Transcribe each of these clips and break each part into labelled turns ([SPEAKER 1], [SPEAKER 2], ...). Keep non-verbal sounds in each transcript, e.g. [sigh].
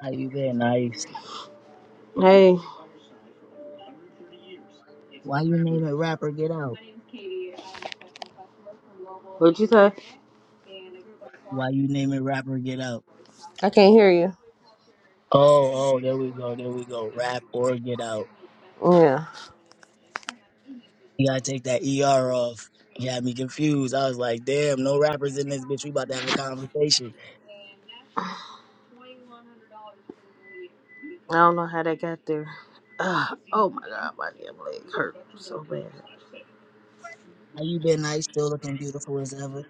[SPEAKER 1] How you been, Ice?
[SPEAKER 2] Hey,
[SPEAKER 1] Why you name it rapper get out?
[SPEAKER 2] what'd you say?
[SPEAKER 1] Why you name it rapper get out?
[SPEAKER 2] I can't hear you.
[SPEAKER 1] Oh, oh, there we go, there we go. Rap or get out.
[SPEAKER 2] Yeah.
[SPEAKER 1] You gotta take that ER off. You had me confused. I was like, damn, no rappers in this bitch. We about to have a conversation.
[SPEAKER 2] I don't know how that got there. Ugh. oh my god, my damn leg hurt so bad.
[SPEAKER 1] How you been, Ice? Still looking beautiful as ever.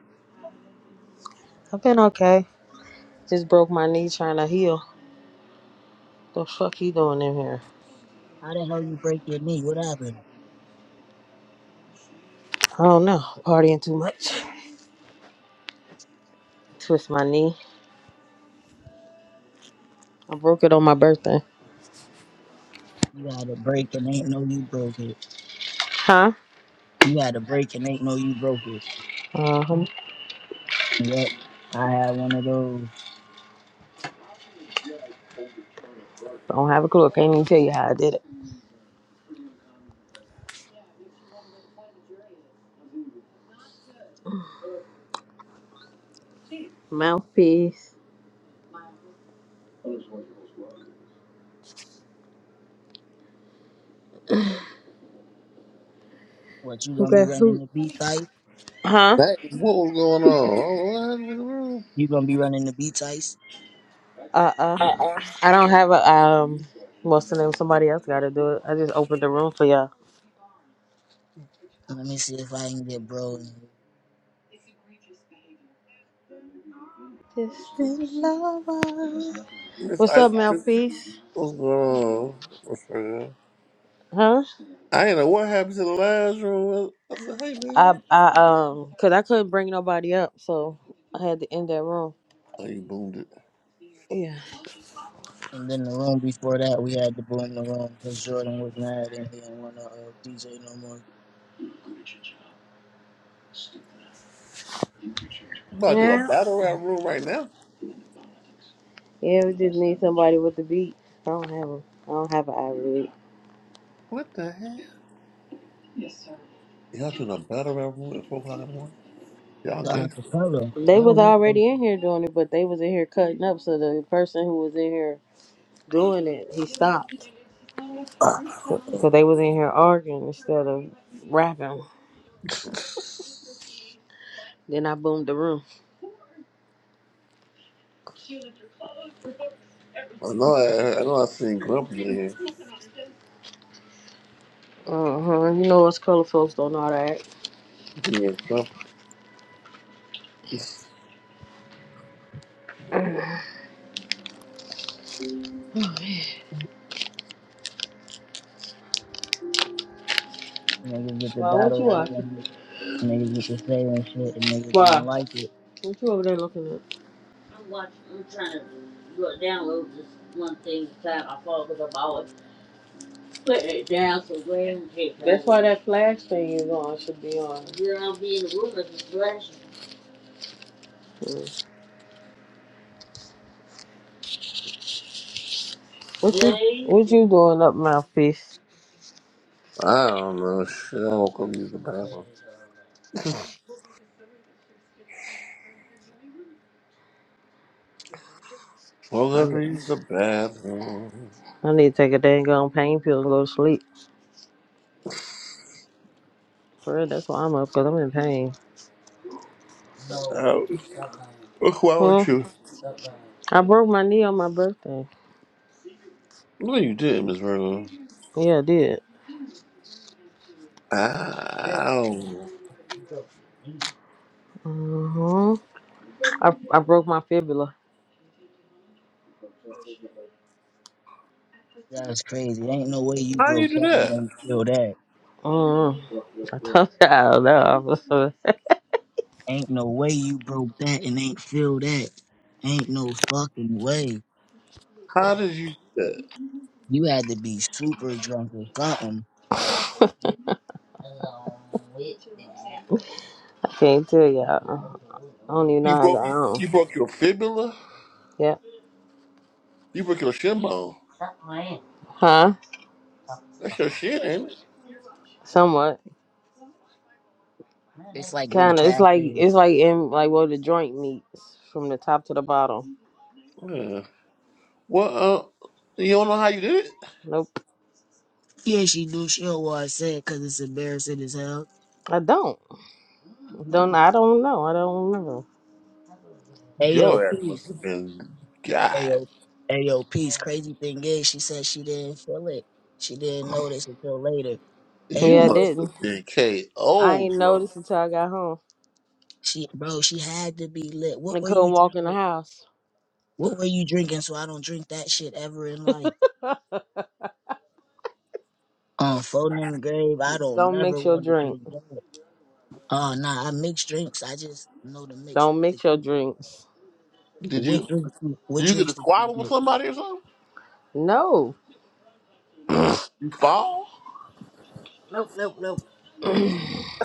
[SPEAKER 2] I've been okay. Just broke my knee trying to heal. The fuck you doing in here?
[SPEAKER 1] How the hell you break your knee? What happened?
[SPEAKER 2] I don't know. Partying too much. Twist my knee. I broke it on my birthday.
[SPEAKER 1] You had a break and ain't know you broke it.
[SPEAKER 2] Huh?
[SPEAKER 1] You had a break and ain't know you broke it.
[SPEAKER 2] Uh-huh.
[SPEAKER 1] Yup. I had one of those.
[SPEAKER 2] Don't have a clue. I can't even tell you how I did it. Mouthpiece.
[SPEAKER 1] What, you
[SPEAKER 2] Who
[SPEAKER 1] gonna be
[SPEAKER 2] got
[SPEAKER 1] running
[SPEAKER 2] Who?
[SPEAKER 1] the beats, Ice?
[SPEAKER 2] Huh?
[SPEAKER 3] That is what was going on. Oh, what in the world?
[SPEAKER 1] You gonna be running the beats, Ice?
[SPEAKER 2] Uh uh I don't have a um. What's the name? Somebody else got to do it. I just opened the room for y'all.
[SPEAKER 1] Let me see if I can get bro in here.
[SPEAKER 2] Just in love.
[SPEAKER 3] Miss
[SPEAKER 2] What's
[SPEAKER 3] I
[SPEAKER 2] up,
[SPEAKER 3] Miss
[SPEAKER 2] mouthpiece?
[SPEAKER 3] what's going on? What's her name?
[SPEAKER 2] Huh?
[SPEAKER 3] I ain't know what happened to the last room. I said, hey
[SPEAKER 2] I
[SPEAKER 3] man.
[SPEAKER 2] I um, cause I couldn't bring nobody up, so I had to end that room.
[SPEAKER 3] Oh, you boomed it.
[SPEAKER 2] Yeah.
[SPEAKER 1] And then the room before that, we had to boom the room because Jordan was mad and he didn't want to uh, DJ no more.
[SPEAKER 3] You about to do a
[SPEAKER 2] Yeah.
[SPEAKER 3] battle rap room right now?
[SPEAKER 2] Yeah. We just need somebody with the beat. I don't have a. I don't have an Ivy League.
[SPEAKER 3] What the hell? Y'all doing a battle rap room at four o'clock in the morning?
[SPEAKER 1] We
[SPEAKER 3] Y'all gay?
[SPEAKER 1] got acapella. I
[SPEAKER 2] They was
[SPEAKER 1] don't need no
[SPEAKER 2] already
[SPEAKER 1] shit.
[SPEAKER 2] in here doing it, but they was in here cutting up. So the person who was in here doing it, he stopped
[SPEAKER 3] Ah.
[SPEAKER 2] because they was in here arguing instead of rapping. Then I boomed the room.
[SPEAKER 3] I know I, I know I seen Grumpy in here
[SPEAKER 2] Uh huh. You know us color folks don't know how to act.
[SPEAKER 3] being grumpy.
[SPEAKER 1] Niggas get the
[SPEAKER 2] Why? What
[SPEAKER 1] battle
[SPEAKER 2] you
[SPEAKER 1] rap
[SPEAKER 2] watching?
[SPEAKER 1] and niggas get to say and shit and niggas don't
[SPEAKER 2] Why?
[SPEAKER 1] like it.
[SPEAKER 2] What you over there looking at? Put it down so Gwen can get down. That's why that flash thing is on. Should be on. You don't be in the room if it's flashing. Mm. What you? Please. What you doing up, mouthpiece?
[SPEAKER 3] I don't know. Shit, I woke up to use the bathroom. [laughs] woke
[SPEAKER 2] I
[SPEAKER 3] up to
[SPEAKER 2] need,
[SPEAKER 3] use the bathroom.
[SPEAKER 2] I need to take a dang on pain pill and go to sleep. For real, that's why I'm up, cause I'm in pain.
[SPEAKER 3] Uh, why
[SPEAKER 2] Huh?
[SPEAKER 3] would you?
[SPEAKER 2] I broke my knee on my birthday.
[SPEAKER 3] No, you didn't, Miss Virgo.
[SPEAKER 2] Yeah, I did.
[SPEAKER 3] Ow!
[SPEAKER 2] Uh huh. I I broke my fibula.
[SPEAKER 1] That's crazy. Ain't no way you
[SPEAKER 3] How do
[SPEAKER 1] broke
[SPEAKER 3] you
[SPEAKER 1] that
[SPEAKER 3] do
[SPEAKER 1] and
[SPEAKER 3] that?
[SPEAKER 1] ain't feel that.
[SPEAKER 2] Um, [laughs] I told y'all no. [laughs]
[SPEAKER 1] Ain't no way you broke that and ain't feel that. Ain't no fucking way.
[SPEAKER 3] How did you do that?
[SPEAKER 1] You had to be super drunk or something.
[SPEAKER 2] I can't tell y'all. I don't even know
[SPEAKER 3] You
[SPEAKER 2] how I
[SPEAKER 3] broke
[SPEAKER 2] got on.
[SPEAKER 3] you broke your fibula.
[SPEAKER 2] Yeah.
[SPEAKER 3] You broke your shin bone.
[SPEAKER 2] Huh?
[SPEAKER 3] That's your shit, ain't it?
[SPEAKER 2] Somewhat.
[SPEAKER 1] It's like where the
[SPEAKER 2] Kinda. It's
[SPEAKER 1] cafe
[SPEAKER 2] like
[SPEAKER 1] is.
[SPEAKER 2] it's like in like where the joint meets from the top to the bottom.
[SPEAKER 3] Yeah. Well, uh, you don't know how you did it?
[SPEAKER 2] Nope.
[SPEAKER 1] Yeah, she knew she don't want to say it because it's embarrassing as hell.
[SPEAKER 2] I don't. Don't I don't know. I don't remember.
[SPEAKER 1] Ayo,
[SPEAKER 3] Your ass
[SPEAKER 1] peace.
[SPEAKER 3] must have been
[SPEAKER 1] Ayo,
[SPEAKER 3] God.
[SPEAKER 1] ayo, peace. Crazy thing is, she said she didn't feel it. She didn't notice until later.
[SPEAKER 3] You
[SPEAKER 1] Ain't
[SPEAKER 2] Yeah, I
[SPEAKER 1] no,
[SPEAKER 3] must
[SPEAKER 2] didn't.
[SPEAKER 3] have been
[SPEAKER 2] I
[SPEAKER 3] KO
[SPEAKER 2] ain't
[SPEAKER 3] drunk.
[SPEAKER 2] noticed until I got home.
[SPEAKER 1] she, bro, she had to be lit. What
[SPEAKER 2] I
[SPEAKER 1] were you
[SPEAKER 2] couldn't walk in the
[SPEAKER 1] drinking?
[SPEAKER 2] house.
[SPEAKER 1] What were you drinking? So I don't drink that shit ever in life.
[SPEAKER 2] [laughs]
[SPEAKER 1] Um, Phonem Grave, I
[SPEAKER 2] Just
[SPEAKER 1] don't
[SPEAKER 2] don't
[SPEAKER 1] never
[SPEAKER 2] mix your
[SPEAKER 1] want to
[SPEAKER 2] drink.
[SPEAKER 1] drink that. Uh, nah, I mix drinks. I just know the mix.
[SPEAKER 2] Don't
[SPEAKER 1] To
[SPEAKER 2] mix your
[SPEAKER 1] keep.
[SPEAKER 2] drinks.
[SPEAKER 3] Did
[SPEAKER 1] What
[SPEAKER 3] you
[SPEAKER 1] drinks? What
[SPEAKER 3] you get
[SPEAKER 1] drinks
[SPEAKER 3] a
[SPEAKER 1] did you
[SPEAKER 3] squabble with
[SPEAKER 1] make?
[SPEAKER 3] somebody or something?
[SPEAKER 2] No,
[SPEAKER 3] You fall?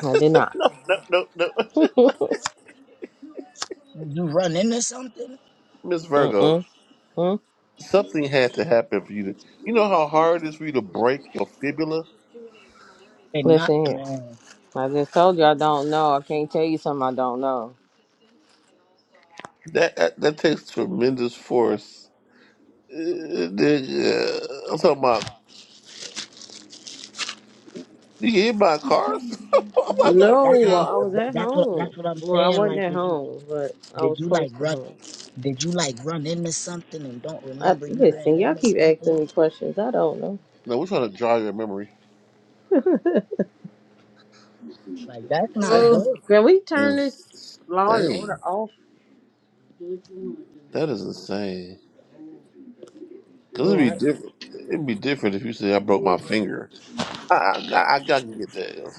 [SPEAKER 2] I did not.
[SPEAKER 3] No, no, no, no. [laughs]
[SPEAKER 2] [laughs] Mm-mm.
[SPEAKER 1] You run into something
[SPEAKER 3] Miss Virgo.
[SPEAKER 2] Mm.
[SPEAKER 3] something had to happen for you to you know how hard it is for you to break your fibula
[SPEAKER 1] and not,
[SPEAKER 2] Listen here.
[SPEAKER 1] man.
[SPEAKER 2] I just told you I don't know. I can't tell you something I don't know.
[SPEAKER 3] that that, that takes tremendous force uh, the- uh, i'm talking about you get hit by cars [laughs] i'm not trying to
[SPEAKER 2] No,
[SPEAKER 1] That's
[SPEAKER 3] figure
[SPEAKER 1] what I'm.
[SPEAKER 2] well,
[SPEAKER 3] out
[SPEAKER 2] I
[SPEAKER 3] what
[SPEAKER 2] was
[SPEAKER 3] the...
[SPEAKER 1] th-
[SPEAKER 2] at
[SPEAKER 1] That's what. That's
[SPEAKER 2] home.
[SPEAKER 1] what I'm
[SPEAKER 2] Well, I
[SPEAKER 1] saying.
[SPEAKER 2] wasn't
[SPEAKER 1] Like,
[SPEAKER 2] at
[SPEAKER 1] did you?
[SPEAKER 2] home, but I
[SPEAKER 1] Did
[SPEAKER 2] was
[SPEAKER 1] you
[SPEAKER 2] close
[SPEAKER 1] like
[SPEAKER 2] to
[SPEAKER 1] run?
[SPEAKER 2] home.
[SPEAKER 1] Did you like run into something and don't
[SPEAKER 2] I,
[SPEAKER 1] remember you ran
[SPEAKER 2] listen, y'all
[SPEAKER 1] into
[SPEAKER 2] keep asking
[SPEAKER 1] something?
[SPEAKER 2] me questions. I don't know.
[SPEAKER 3] no we're trying to jog your memory
[SPEAKER 2] [laughs]
[SPEAKER 1] Like, that's not
[SPEAKER 3] that's
[SPEAKER 2] Oh,
[SPEAKER 1] good.
[SPEAKER 2] can we turn this Law and
[SPEAKER 3] insane
[SPEAKER 2] Order off?
[SPEAKER 3] that is insane because it'd
[SPEAKER 2] Yeah,
[SPEAKER 3] be different it'd be different if you say i broke my finger i i, got- I gotta get that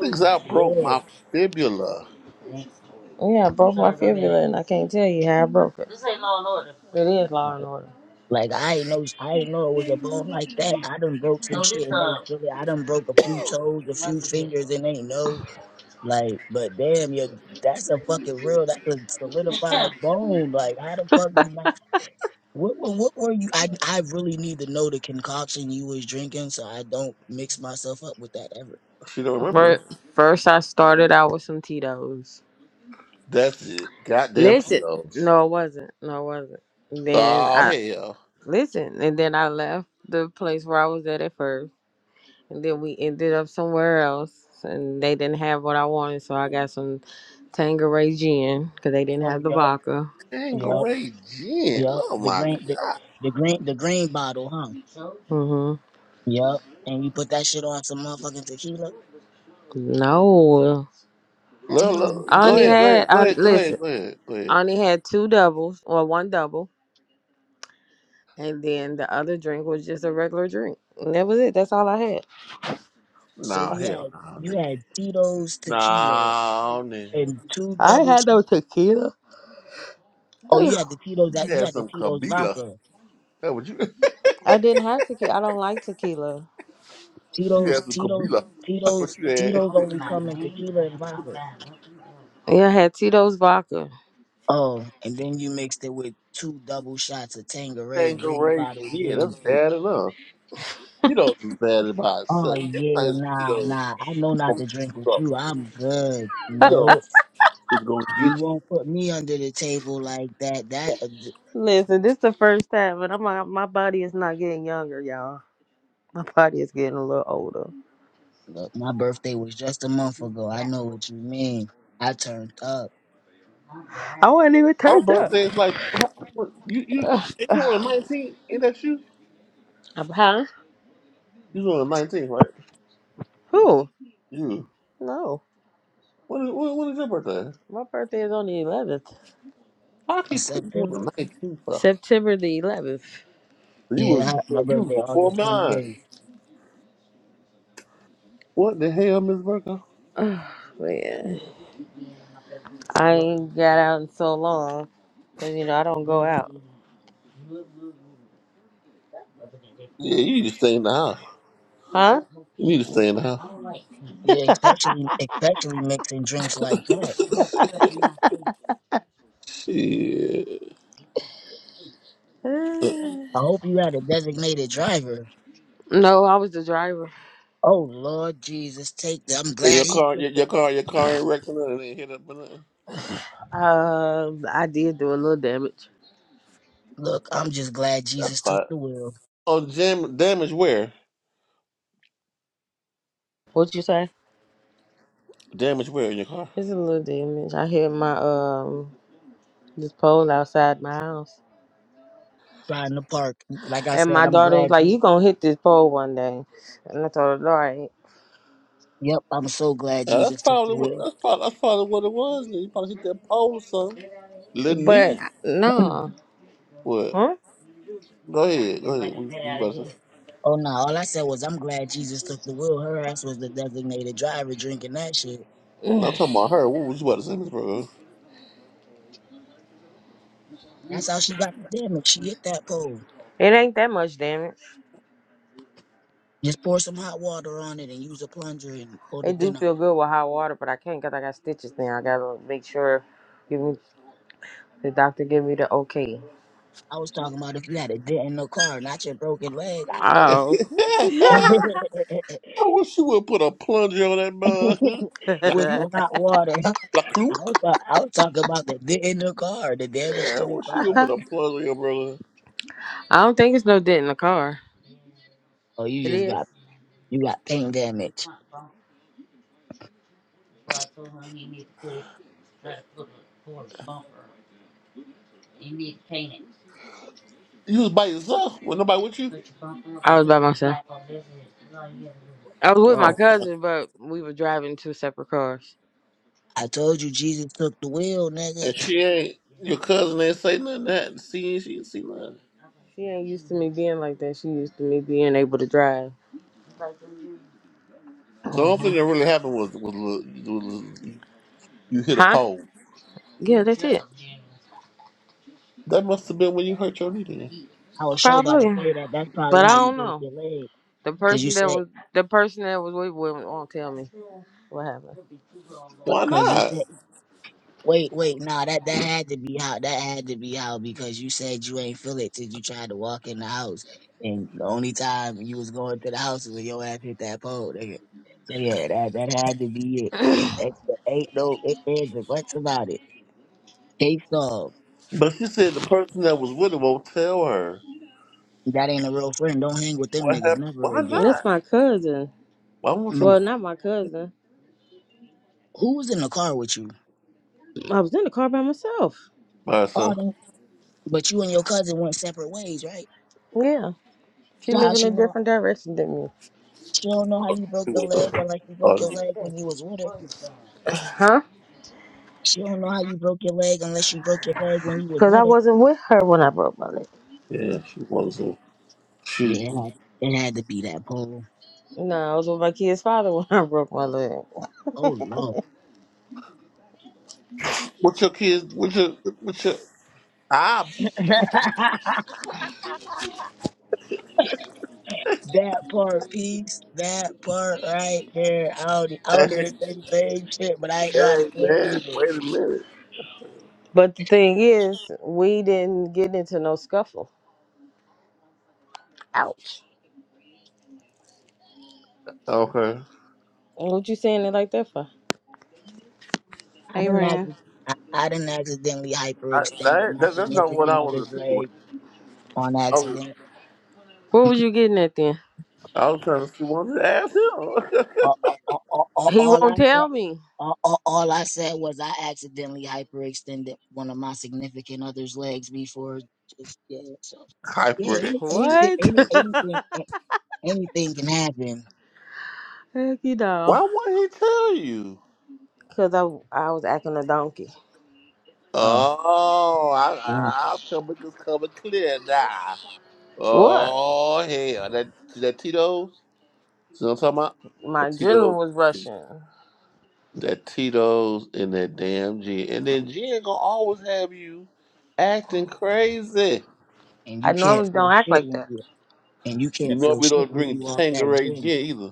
[SPEAKER 3] because i broke
[SPEAKER 1] Yeah.
[SPEAKER 3] my fibula
[SPEAKER 2] yeah. I broke my fibula, and I can't tell you how I broke it. This ain't Law and Order. It is Law and Order.
[SPEAKER 1] Like I ain't know, I ain't know it was a bone like that. I done broke some shit and they feel it. I done broke a few toes, a few fingers, and they know. Like, but damn, yeah, that's a fucking real. That's a solidified bone. Like, how the fuck you not? What, what what were you? I I really need to know the concoction you was drinking, so I don't mix myself up with that ever.
[SPEAKER 3] she don't remember
[SPEAKER 2] First, first I started out with some Tito's.
[SPEAKER 3] that's it goddamn
[SPEAKER 2] Listen,
[SPEAKER 3] tito's
[SPEAKER 2] no, it wasn't. No, it wasn't. Then
[SPEAKER 3] Oh
[SPEAKER 2] I
[SPEAKER 3] hell,
[SPEAKER 2] Listen, and then I left the place where I was at at first, and then we ended up somewhere else, and they didn't have what I wanted, so I got some Tangeray gin because they didn't
[SPEAKER 1] Oh
[SPEAKER 2] have the
[SPEAKER 1] yep,
[SPEAKER 2] vodka.
[SPEAKER 1] yep,
[SPEAKER 3] Stingray Gin.
[SPEAKER 1] yep.
[SPEAKER 3] Oh
[SPEAKER 1] The
[SPEAKER 3] my
[SPEAKER 1] green
[SPEAKER 3] god.
[SPEAKER 1] the, the green the green bottle, huh?
[SPEAKER 2] hmm
[SPEAKER 1] Yep. And you put that shit on some motherfucking tequila.
[SPEAKER 2] No,
[SPEAKER 3] Look,
[SPEAKER 1] Tito's is
[SPEAKER 3] look.
[SPEAKER 2] I
[SPEAKER 3] Go
[SPEAKER 2] only
[SPEAKER 3] ahead,
[SPEAKER 1] tequila.
[SPEAKER 3] go
[SPEAKER 2] had
[SPEAKER 3] ahead, go
[SPEAKER 2] I
[SPEAKER 3] ahead, go ahead,
[SPEAKER 2] listen,
[SPEAKER 3] go ahead, go ahead.
[SPEAKER 2] I only had two doubles or one double, and then the other drink was just a regular drink, and that was it. That's all I had.
[SPEAKER 1] So
[SPEAKER 3] Nah,
[SPEAKER 1] you
[SPEAKER 3] hell
[SPEAKER 1] had
[SPEAKER 3] no,
[SPEAKER 1] you had Tito's tequila
[SPEAKER 3] nah, nah, nah.
[SPEAKER 1] and two
[SPEAKER 2] I ain't
[SPEAKER 1] double
[SPEAKER 2] had no
[SPEAKER 1] shots.
[SPEAKER 2] tequila. [sighs]
[SPEAKER 1] Oh, you had the Tito's
[SPEAKER 3] You
[SPEAKER 1] that you
[SPEAKER 3] had
[SPEAKER 1] had the
[SPEAKER 3] some
[SPEAKER 1] Tito's
[SPEAKER 3] Kabila.
[SPEAKER 1] vodka.
[SPEAKER 3] That what you? [laughs]
[SPEAKER 2] I didn't have tequila. I don't like tequila.
[SPEAKER 3] You
[SPEAKER 1] Tito's
[SPEAKER 3] had some
[SPEAKER 1] Tito's
[SPEAKER 3] Kabila. [laughs] That's
[SPEAKER 1] Tito's
[SPEAKER 3] what you had.
[SPEAKER 1] Tito's only come in tequila and vodka.
[SPEAKER 2] Yeah, I had Tito's vodka.
[SPEAKER 1] Oh, and then you mixed it with two double shots of Tangeray green
[SPEAKER 3] Stingray
[SPEAKER 1] bottle
[SPEAKER 3] Gin. That's
[SPEAKER 1] gin.
[SPEAKER 3] bad enough. Tito's is bad by
[SPEAKER 1] Oh
[SPEAKER 3] itself.
[SPEAKER 1] yeah,
[SPEAKER 3] Sometimes
[SPEAKER 1] nah,
[SPEAKER 3] Tito's
[SPEAKER 1] nah. I know not
[SPEAKER 3] gonna get you
[SPEAKER 1] to
[SPEAKER 3] in
[SPEAKER 1] drink with you.
[SPEAKER 3] trouble.
[SPEAKER 1] I'm good.
[SPEAKER 2] [laughs]
[SPEAKER 1] No,
[SPEAKER 3] Tito's is gonna get
[SPEAKER 1] you
[SPEAKER 3] you.
[SPEAKER 1] won't put me under the table like that. That uh, th-
[SPEAKER 2] Listen, this is the first time, but I'm like, my body is not getting younger, y'all. My body is getting a little older.
[SPEAKER 1] look, my birthday was just a month ago. I know what you mean. I turned up
[SPEAKER 2] I wasn't even
[SPEAKER 3] My
[SPEAKER 2] turned up.
[SPEAKER 3] birthday is like what, you you. If
[SPEAKER 2] [sighs]
[SPEAKER 3] you on the 19th, ain't that you?
[SPEAKER 2] Um, Huh?
[SPEAKER 3] You on the 19th,
[SPEAKER 2] Who?
[SPEAKER 3] right?
[SPEAKER 2] No.
[SPEAKER 3] What is, what, what is your birthday?
[SPEAKER 2] My birthday is on the 11th,
[SPEAKER 3] I
[SPEAKER 1] in
[SPEAKER 3] keep putting you on
[SPEAKER 1] September.
[SPEAKER 3] the nineteenth? Fuck,
[SPEAKER 2] September the 11th.
[SPEAKER 3] You
[SPEAKER 1] Yeah,
[SPEAKER 3] was
[SPEAKER 1] I, my
[SPEAKER 3] before you
[SPEAKER 1] birthday
[SPEAKER 3] was before
[SPEAKER 1] August
[SPEAKER 3] mine.
[SPEAKER 1] 28th.
[SPEAKER 3] What the hell, Miss Burko?
[SPEAKER 2] Oh, [sighs] man. I ain't got out in so long because, you know, I don't go out.
[SPEAKER 3] Yeah, you need to stay in the house.
[SPEAKER 2] Huh? [sighs]
[SPEAKER 3] You need to stay in the
[SPEAKER 1] Yeah, especially especially mixing drinks like
[SPEAKER 3] house.
[SPEAKER 1] that.
[SPEAKER 3] [laughs] Shit.
[SPEAKER 2] Eh,
[SPEAKER 1] I hope you had a designated driver.
[SPEAKER 2] No, I was the driver.
[SPEAKER 1] Oh Lord Jesus, take the I'm
[SPEAKER 3] And
[SPEAKER 1] glad
[SPEAKER 3] your
[SPEAKER 1] he
[SPEAKER 3] car,
[SPEAKER 1] took
[SPEAKER 3] your,
[SPEAKER 1] the
[SPEAKER 3] your
[SPEAKER 1] wheel.
[SPEAKER 3] car, your car ain't wrecked or nothing. It Ain't hit up or nothing.
[SPEAKER 2] Um, I did do a little damage.
[SPEAKER 1] look, I'm just glad
[SPEAKER 3] That's
[SPEAKER 1] Jesus took
[SPEAKER 3] fine.
[SPEAKER 1] the wheel.
[SPEAKER 3] On jam, damage where?
[SPEAKER 2] What you say?
[SPEAKER 3] Damage where in your car?
[SPEAKER 2] It's a little damage. I hit my, um, this pole outside my house.
[SPEAKER 1] Trying to park. Like I
[SPEAKER 2] And
[SPEAKER 1] said,
[SPEAKER 2] my
[SPEAKER 1] I'm
[SPEAKER 2] daughter was
[SPEAKER 1] glad
[SPEAKER 2] like, "You
[SPEAKER 1] Jesus
[SPEAKER 2] gonna hit this pole one day," and I told her, "All right,"
[SPEAKER 1] Yep, I'm so glad
[SPEAKER 3] Yeah, that's
[SPEAKER 1] Jesus took the
[SPEAKER 3] probably what.
[SPEAKER 1] wheel.
[SPEAKER 3] That's probably that's probably what it was. Then you probably hit that pole or something. Little
[SPEAKER 2] but
[SPEAKER 3] knee.
[SPEAKER 1] [clears throat] oh
[SPEAKER 2] no,
[SPEAKER 3] What?
[SPEAKER 2] huh?
[SPEAKER 3] Go ahead. Go ahead. What, what you about to say?
[SPEAKER 1] no, all I said was I'm glad Jesus took the wheel. Her ass was the designated driver drinking that shit.
[SPEAKER 3] No, I'm talking about her. What was you about to say, Miss Burko?
[SPEAKER 1] That's how she got the damage. She hit that pole.
[SPEAKER 2] It ain't that much damage.
[SPEAKER 1] Just pour some hot water on it and use a plunger and pull the
[SPEAKER 2] It do
[SPEAKER 1] dent out.
[SPEAKER 2] feel good with hot water, but I can't 'cause I got stitches now. I gotta make sure give me the doctor give me the okay.
[SPEAKER 1] I was talking about if you had a dent in the car, not your broken leg. I
[SPEAKER 3] [laughs]
[SPEAKER 2] Oh,
[SPEAKER 1] ate [laughs]
[SPEAKER 3] I wish you would put a plunger on that mug. [laughs]
[SPEAKER 2] [laughs]
[SPEAKER 3] La
[SPEAKER 1] with some
[SPEAKER 3] clook,
[SPEAKER 1] hot water. [laughs]
[SPEAKER 3] la
[SPEAKER 1] I was
[SPEAKER 3] clook.
[SPEAKER 1] talk, I was talking about the dent in the car, the damage
[SPEAKER 3] Yeah, I
[SPEAKER 1] to the
[SPEAKER 3] wish you would
[SPEAKER 1] car.
[SPEAKER 3] put a plunger on your brother.
[SPEAKER 2] I don't think it's no dent in the car.
[SPEAKER 1] Oh, you
[SPEAKER 2] It
[SPEAKER 1] just
[SPEAKER 2] is.
[SPEAKER 1] got you got paint damage.
[SPEAKER 3] You was by yourself with nobody with you.
[SPEAKER 2] I was by myself. I was with
[SPEAKER 1] I,
[SPEAKER 2] my
[SPEAKER 3] Oh my!
[SPEAKER 2] cousin, but we were driving two separate cars.
[SPEAKER 1] I told you Jesus took the wheel, nigga.
[SPEAKER 3] And she ain't your cousin ain't say nothing. That see, she didn't see nothing.
[SPEAKER 2] She ain't used to me being like that. She used to me being able to drive.
[SPEAKER 3] So the only
[SPEAKER 2] hmm
[SPEAKER 3] thing that really happened was was, was, was you hit a
[SPEAKER 2] Huh?
[SPEAKER 3] pole.
[SPEAKER 2] Yeah, that's it.
[SPEAKER 3] That must have been when you hurt your knee. Then
[SPEAKER 1] I was sure about to
[SPEAKER 2] Probably.
[SPEAKER 1] say that. That's probably
[SPEAKER 2] But I
[SPEAKER 1] how you
[SPEAKER 2] don't
[SPEAKER 1] broke
[SPEAKER 2] know.
[SPEAKER 1] your leg,
[SPEAKER 2] The
[SPEAKER 1] cause you
[SPEAKER 2] person that
[SPEAKER 1] said,
[SPEAKER 2] was the person that was with me won't tell me what happened.
[SPEAKER 3] why
[SPEAKER 1] cause you
[SPEAKER 3] not?
[SPEAKER 1] said, wait, wait, nah, that that had to be how, that had to be how, because you said you ain't feel it till you tried to walk in the house, and the only time you was going to the house is when your ass hit that pole, nigga. So yeah, that that had to be it. Ain't, ain't no ifs ands or buts about it. Gates off.
[SPEAKER 3] But she said the person that was with her won't tell her
[SPEAKER 1] That ain't a real friend. Don't hang with them
[SPEAKER 3] what
[SPEAKER 1] niggas
[SPEAKER 3] happened.
[SPEAKER 1] never
[SPEAKER 3] Why
[SPEAKER 2] And
[SPEAKER 1] again.
[SPEAKER 3] not?
[SPEAKER 2] that's my cousin.
[SPEAKER 3] Why won't you
[SPEAKER 1] Mm.
[SPEAKER 2] Well, not my cousin.
[SPEAKER 1] Who was in the car with you?
[SPEAKER 2] I was in the car by myself.
[SPEAKER 3] by
[SPEAKER 1] Oh,
[SPEAKER 3] herself?
[SPEAKER 1] they- but you and your cousin went separate ways, right?
[SPEAKER 2] Yeah. She
[SPEAKER 1] So how
[SPEAKER 2] lived in
[SPEAKER 1] she
[SPEAKER 2] a
[SPEAKER 1] know?
[SPEAKER 2] different direction than me.
[SPEAKER 1] She don't know how you broke
[SPEAKER 3] She
[SPEAKER 1] your
[SPEAKER 3] was
[SPEAKER 1] leg unless you broke
[SPEAKER 3] a-
[SPEAKER 1] your leg when you was with her.
[SPEAKER 2] Huh?
[SPEAKER 1] She don't know how you broke your leg unless you broke your leg when you was
[SPEAKER 2] Because I
[SPEAKER 1] with her.
[SPEAKER 2] wasn't with her when I broke my leg.
[SPEAKER 3] Yeah, she wonderful. She.
[SPEAKER 1] Yeah, it had it had to be that pole.
[SPEAKER 2] No, I was with my kid's father [laughs] when I broke my leg.
[SPEAKER 1] Oh lord,
[SPEAKER 3] What's your kids? What's your? What's your? Ah.
[SPEAKER 1] [laughs] that part, piece, that part right there. I, don't, e,
[SPEAKER 3] [laughs]
[SPEAKER 1] I was
[SPEAKER 3] hey
[SPEAKER 1] gonna say the same shit, but I ain't know how to say it
[SPEAKER 3] man,
[SPEAKER 1] either.
[SPEAKER 3] wait a minute.
[SPEAKER 2] But the thing is, we didn't get into no scuffle. Ouch.
[SPEAKER 3] Okay.
[SPEAKER 2] What you saying it like that for?
[SPEAKER 1] I
[SPEAKER 2] Hey,
[SPEAKER 1] didn't
[SPEAKER 2] Ren.
[SPEAKER 1] accident. I, I didn't accidentally
[SPEAKER 3] I,
[SPEAKER 1] hyperextended
[SPEAKER 3] that,
[SPEAKER 1] my
[SPEAKER 3] that that's not what I
[SPEAKER 1] significant
[SPEAKER 3] was
[SPEAKER 1] other's
[SPEAKER 3] insinuating.
[SPEAKER 1] leg on
[SPEAKER 3] I was
[SPEAKER 1] accident.
[SPEAKER 2] What was you getting at then?
[SPEAKER 3] I was trying to see what to ask him.
[SPEAKER 1] All, all, all, all
[SPEAKER 2] He
[SPEAKER 1] all I
[SPEAKER 2] won't
[SPEAKER 1] said,
[SPEAKER 2] tell me.
[SPEAKER 1] all, all, all I said was I accidentally hyperextended one of my significant other's legs before. Just yeah, so
[SPEAKER 3] [laughs]
[SPEAKER 1] yeah,
[SPEAKER 3] Hyper.
[SPEAKER 1] any- anything,
[SPEAKER 2] What?
[SPEAKER 1] any,
[SPEAKER 2] [laughs]
[SPEAKER 1] anything, a- anything can happen.
[SPEAKER 2] Heck, you know.
[SPEAKER 3] Why won't he tell you?
[SPEAKER 2] Because I, I was acting a donkey.
[SPEAKER 1] Uh,
[SPEAKER 3] Oh,
[SPEAKER 1] uh,
[SPEAKER 3] I, I'll come it's coming clear now.
[SPEAKER 2] What?
[SPEAKER 3] Oh hell, that that Tito's. See what I'm talking about? That
[SPEAKER 2] My adrenaline was
[SPEAKER 3] Tito's.
[SPEAKER 2] rushing.
[SPEAKER 3] that Tito's and that damn Jen. And then Jen gonna always have you acting crazy.
[SPEAKER 1] and
[SPEAKER 2] I
[SPEAKER 1] you can't
[SPEAKER 2] normally
[SPEAKER 1] feel
[SPEAKER 2] don't act
[SPEAKER 1] shit
[SPEAKER 2] like
[SPEAKER 1] when
[SPEAKER 2] that.
[SPEAKER 1] you and you
[SPEAKER 3] You
[SPEAKER 1] can't
[SPEAKER 3] know
[SPEAKER 1] feel
[SPEAKER 3] we
[SPEAKER 1] shit
[SPEAKER 3] don't
[SPEAKER 1] when
[SPEAKER 3] drink
[SPEAKER 1] you
[SPEAKER 3] [laughs]
[SPEAKER 1] off that
[SPEAKER 3] Tanqueray
[SPEAKER 1] gym.
[SPEAKER 3] Gin either.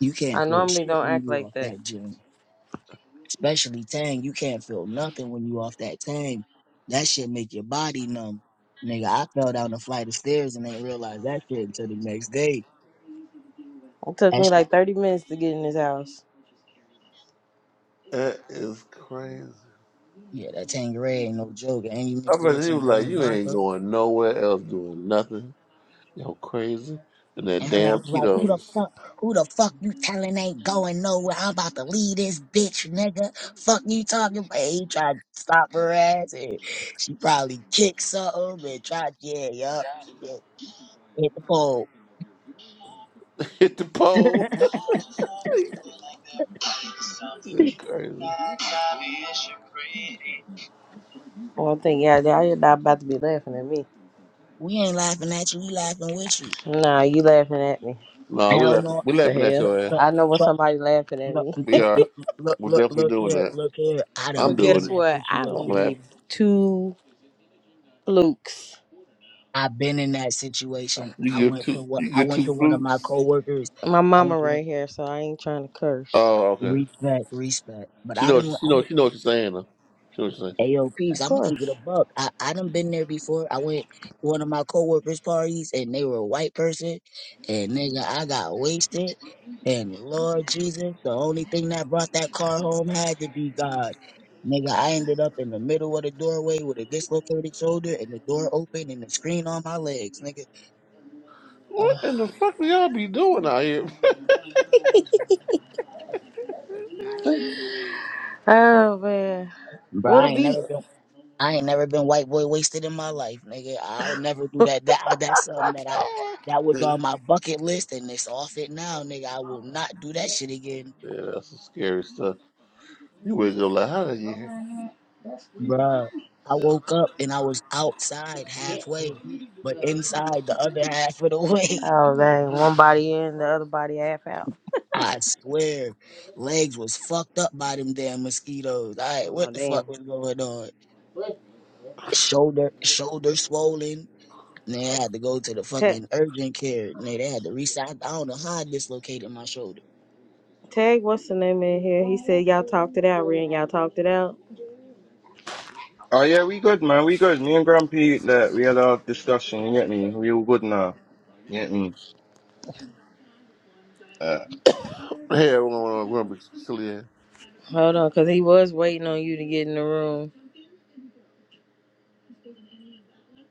[SPEAKER 1] You
[SPEAKER 2] I
[SPEAKER 1] can't feel
[SPEAKER 2] normally
[SPEAKER 1] shit
[SPEAKER 2] don't
[SPEAKER 1] when
[SPEAKER 2] act
[SPEAKER 1] you
[SPEAKER 2] like
[SPEAKER 1] off
[SPEAKER 2] that.
[SPEAKER 1] that gym. especially Tang, you can't feel nothing when you off that Tang. That shit make your body numb. Nigga, I fell down a flight of stairs and ain't realized that shit until the next day.
[SPEAKER 2] It took
[SPEAKER 1] That
[SPEAKER 2] me
[SPEAKER 1] shit,
[SPEAKER 2] like 30 minutes to get in his house.
[SPEAKER 3] That is crazy.
[SPEAKER 1] yeah, that Tangeray ain't no joke. And you
[SPEAKER 3] I
[SPEAKER 1] mixed it with
[SPEAKER 3] mean, he
[SPEAKER 1] some
[SPEAKER 3] was like,
[SPEAKER 1] damn
[SPEAKER 3] you ain't
[SPEAKER 1] vodka.
[SPEAKER 3] going nowhere else doing nothing. Yo, crazy. And that
[SPEAKER 1] And her ass
[SPEAKER 3] damn
[SPEAKER 1] was like, who the
[SPEAKER 3] Tito's
[SPEAKER 1] fuck, who the fuck you telling ain't going nowhere? I'm about to leave this bitch, nigga. Fuck you talking about? He tried to stop her ass and she probably kicked something and tried, yeah, yup. She just hit the pole.
[SPEAKER 3] [laughs] hit the
[SPEAKER 1] [laughs]
[SPEAKER 3] pole. [laughs] This is crazy.
[SPEAKER 2] Well, I think, yeah, now you're not about to be laughing at me.
[SPEAKER 1] We ain't laughing at you. We laughing with you.
[SPEAKER 2] Nah, you laughing at me.
[SPEAKER 3] No, we
[SPEAKER 1] Hell
[SPEAKER 3] laughing.
[SPEAKER 1] no.
[SPEAKER 3] We
[SPEAKER 2] The
[SPEAKER 3] laughing at
[SPEAKER 2] hell?
[SPEAKER 1] Look,
[SPEAKER 3] your ass.
[SPEAKER 2] I know when somebody laughing at
[SPEAKER 1] look,
[SPEAKER 2] me.
[SPEAKER 3] We
[SPEAKER 1] look,
[SPEAKER 3] are.
[SPEAKER 1] look, look,
[SPEAKER 3] We're
[SPEAKER 1] look
[SPEAKER 3] definitely
[SPEAKER 1] look
[SPEAKER 3] doing
[SPEAKER 1] here.
[SPEAKER 3] that.
[SPEAKER 1] Look here. I
[SPEAKER 2] [laughs]
[SPEAKER 1] done
[SPEAKER 3] I'm
[SPEAKER 2] but
[SPEAKER 1] been in
[SPEAKER 3] doing
[SPEAKER 2] guess
[SPEAKER 3] it.
[SPEAKER 1] that
[SPEAKER 2] what? I
[SPEAKER 3] I'm
[SPEAKER 2] don't
[SPEAKER 1] situation.
[SPEAKER 2] give
[SPEAKER 3] laughing.
[SPEAKER 2] two flukes.
[SPEAKER 1] i been in that situation.
[SPEAKER 3] You
[SPEAKER 1] I
[SPEAKER 3] give
[SPEAKER 1] went
[SPEAKER 3] two.
[SPEAKER 1] to what?
[SPEAKER 3] You
[SPEAKER 1] I
[SPEAKER 3] give
[SPEAKER 1] went
[SPEAKER 3] two
[SPEAKER 1] to one of my
[SPEAKER 3] groups.
[SPEAKER 1] coworkers.
[SPEAKER 2] My
[SPEAKER 1] I
[SPEAKER 2] mama
[SPEAKER 1] went to one.
[SPEAKER 2] right here, so I ain't trying to curse.
[SPEAKER 3] Oh, okay.
[SPEAKER 1] Respect, respect. But
[SPEAKER 3] She
[SPEAKER 1] I didn't.
[SPEAKER 3] knows. She knows. She knows what she's saying. Though. She knows what she's saying.
[SPEAKER 1] A O P's.
[SPEAKER 2] Of
[SPEAKER 1] I'm gonna keep it a
[SPEAKER 2] course.
[SPEAKER 1] buck. I, I done been there before. I went to one of my coworkers' parties and they were a white person and nigga I got wasted and Lord Jesus, the only thing that brought that car home had to be God. Nigga, I ended up in the middle of the doorway with a dislocated shoulder and the door open and the screen on my legs, nigga.
[SPEAKER 3] What in the fuck do y'all be doing out here?
[SPEAKER 2] Oh man,
[SPEAKER 1] Bro,
[SPEAKER 2] what a
[SPEAKER 1] I ain't never
[SPEAKER 2] beat!
[SPEAKER 1] been. I ain't never been white boy wasted in my life, nigga. I'll never
[SPEAKER 2] [laughs]
[SPEAKER 1] do
[SPEAKER 2] oh
[SPEAKER 1] that. That I- that's something that I that
[SPEAKER 3] [laughs]
[SPEAKER 1] was
[SPEAKER 3] yeah,
[SPEAKER 1] on my bucket list, and it's off it now, nigga. I will not do that shit again,
[SPEAKER 3] yeah, that's some scary stuff. You wake up like, how did you hear?
[SPEAKER 1] bruh. I woke up and I was outside halfway, but inside the other [laughs] half of the [laughs] way.
[SPEAKER 2] dang, one body in, the other body half out.
[SPEAKER 1] I swear, legs was fucked up by them damn mosquitoes. All right,
[SPEAKER 2] Oh
[SPEAKER 1] what the
[SPEAKER 2] damn.
[SPEAKER 1] fuck was going on? Shoulder, shoulder swollen. And they had to go to the
[SPEAKER 2] Ta-
[SPEAKER 1] fucking urgent care. And they had to resize. I don't know how I dislocated my shoulder.
[SPEAKER 2] Tag, what's the name in here? He said y'all talked it out, Ren. Y'all talked it out.
[SPEAKER 4] Oh yeah, we good, man. We good. Me and Grumpy, like, we had our discussion. You get me? We all good now. You get me? Uh,
[SPEAKER 3] Hey, everyone, we're gonna be silly. here.
[SPEAKER 2] Hold on, cause he was waiting on you to get in the room.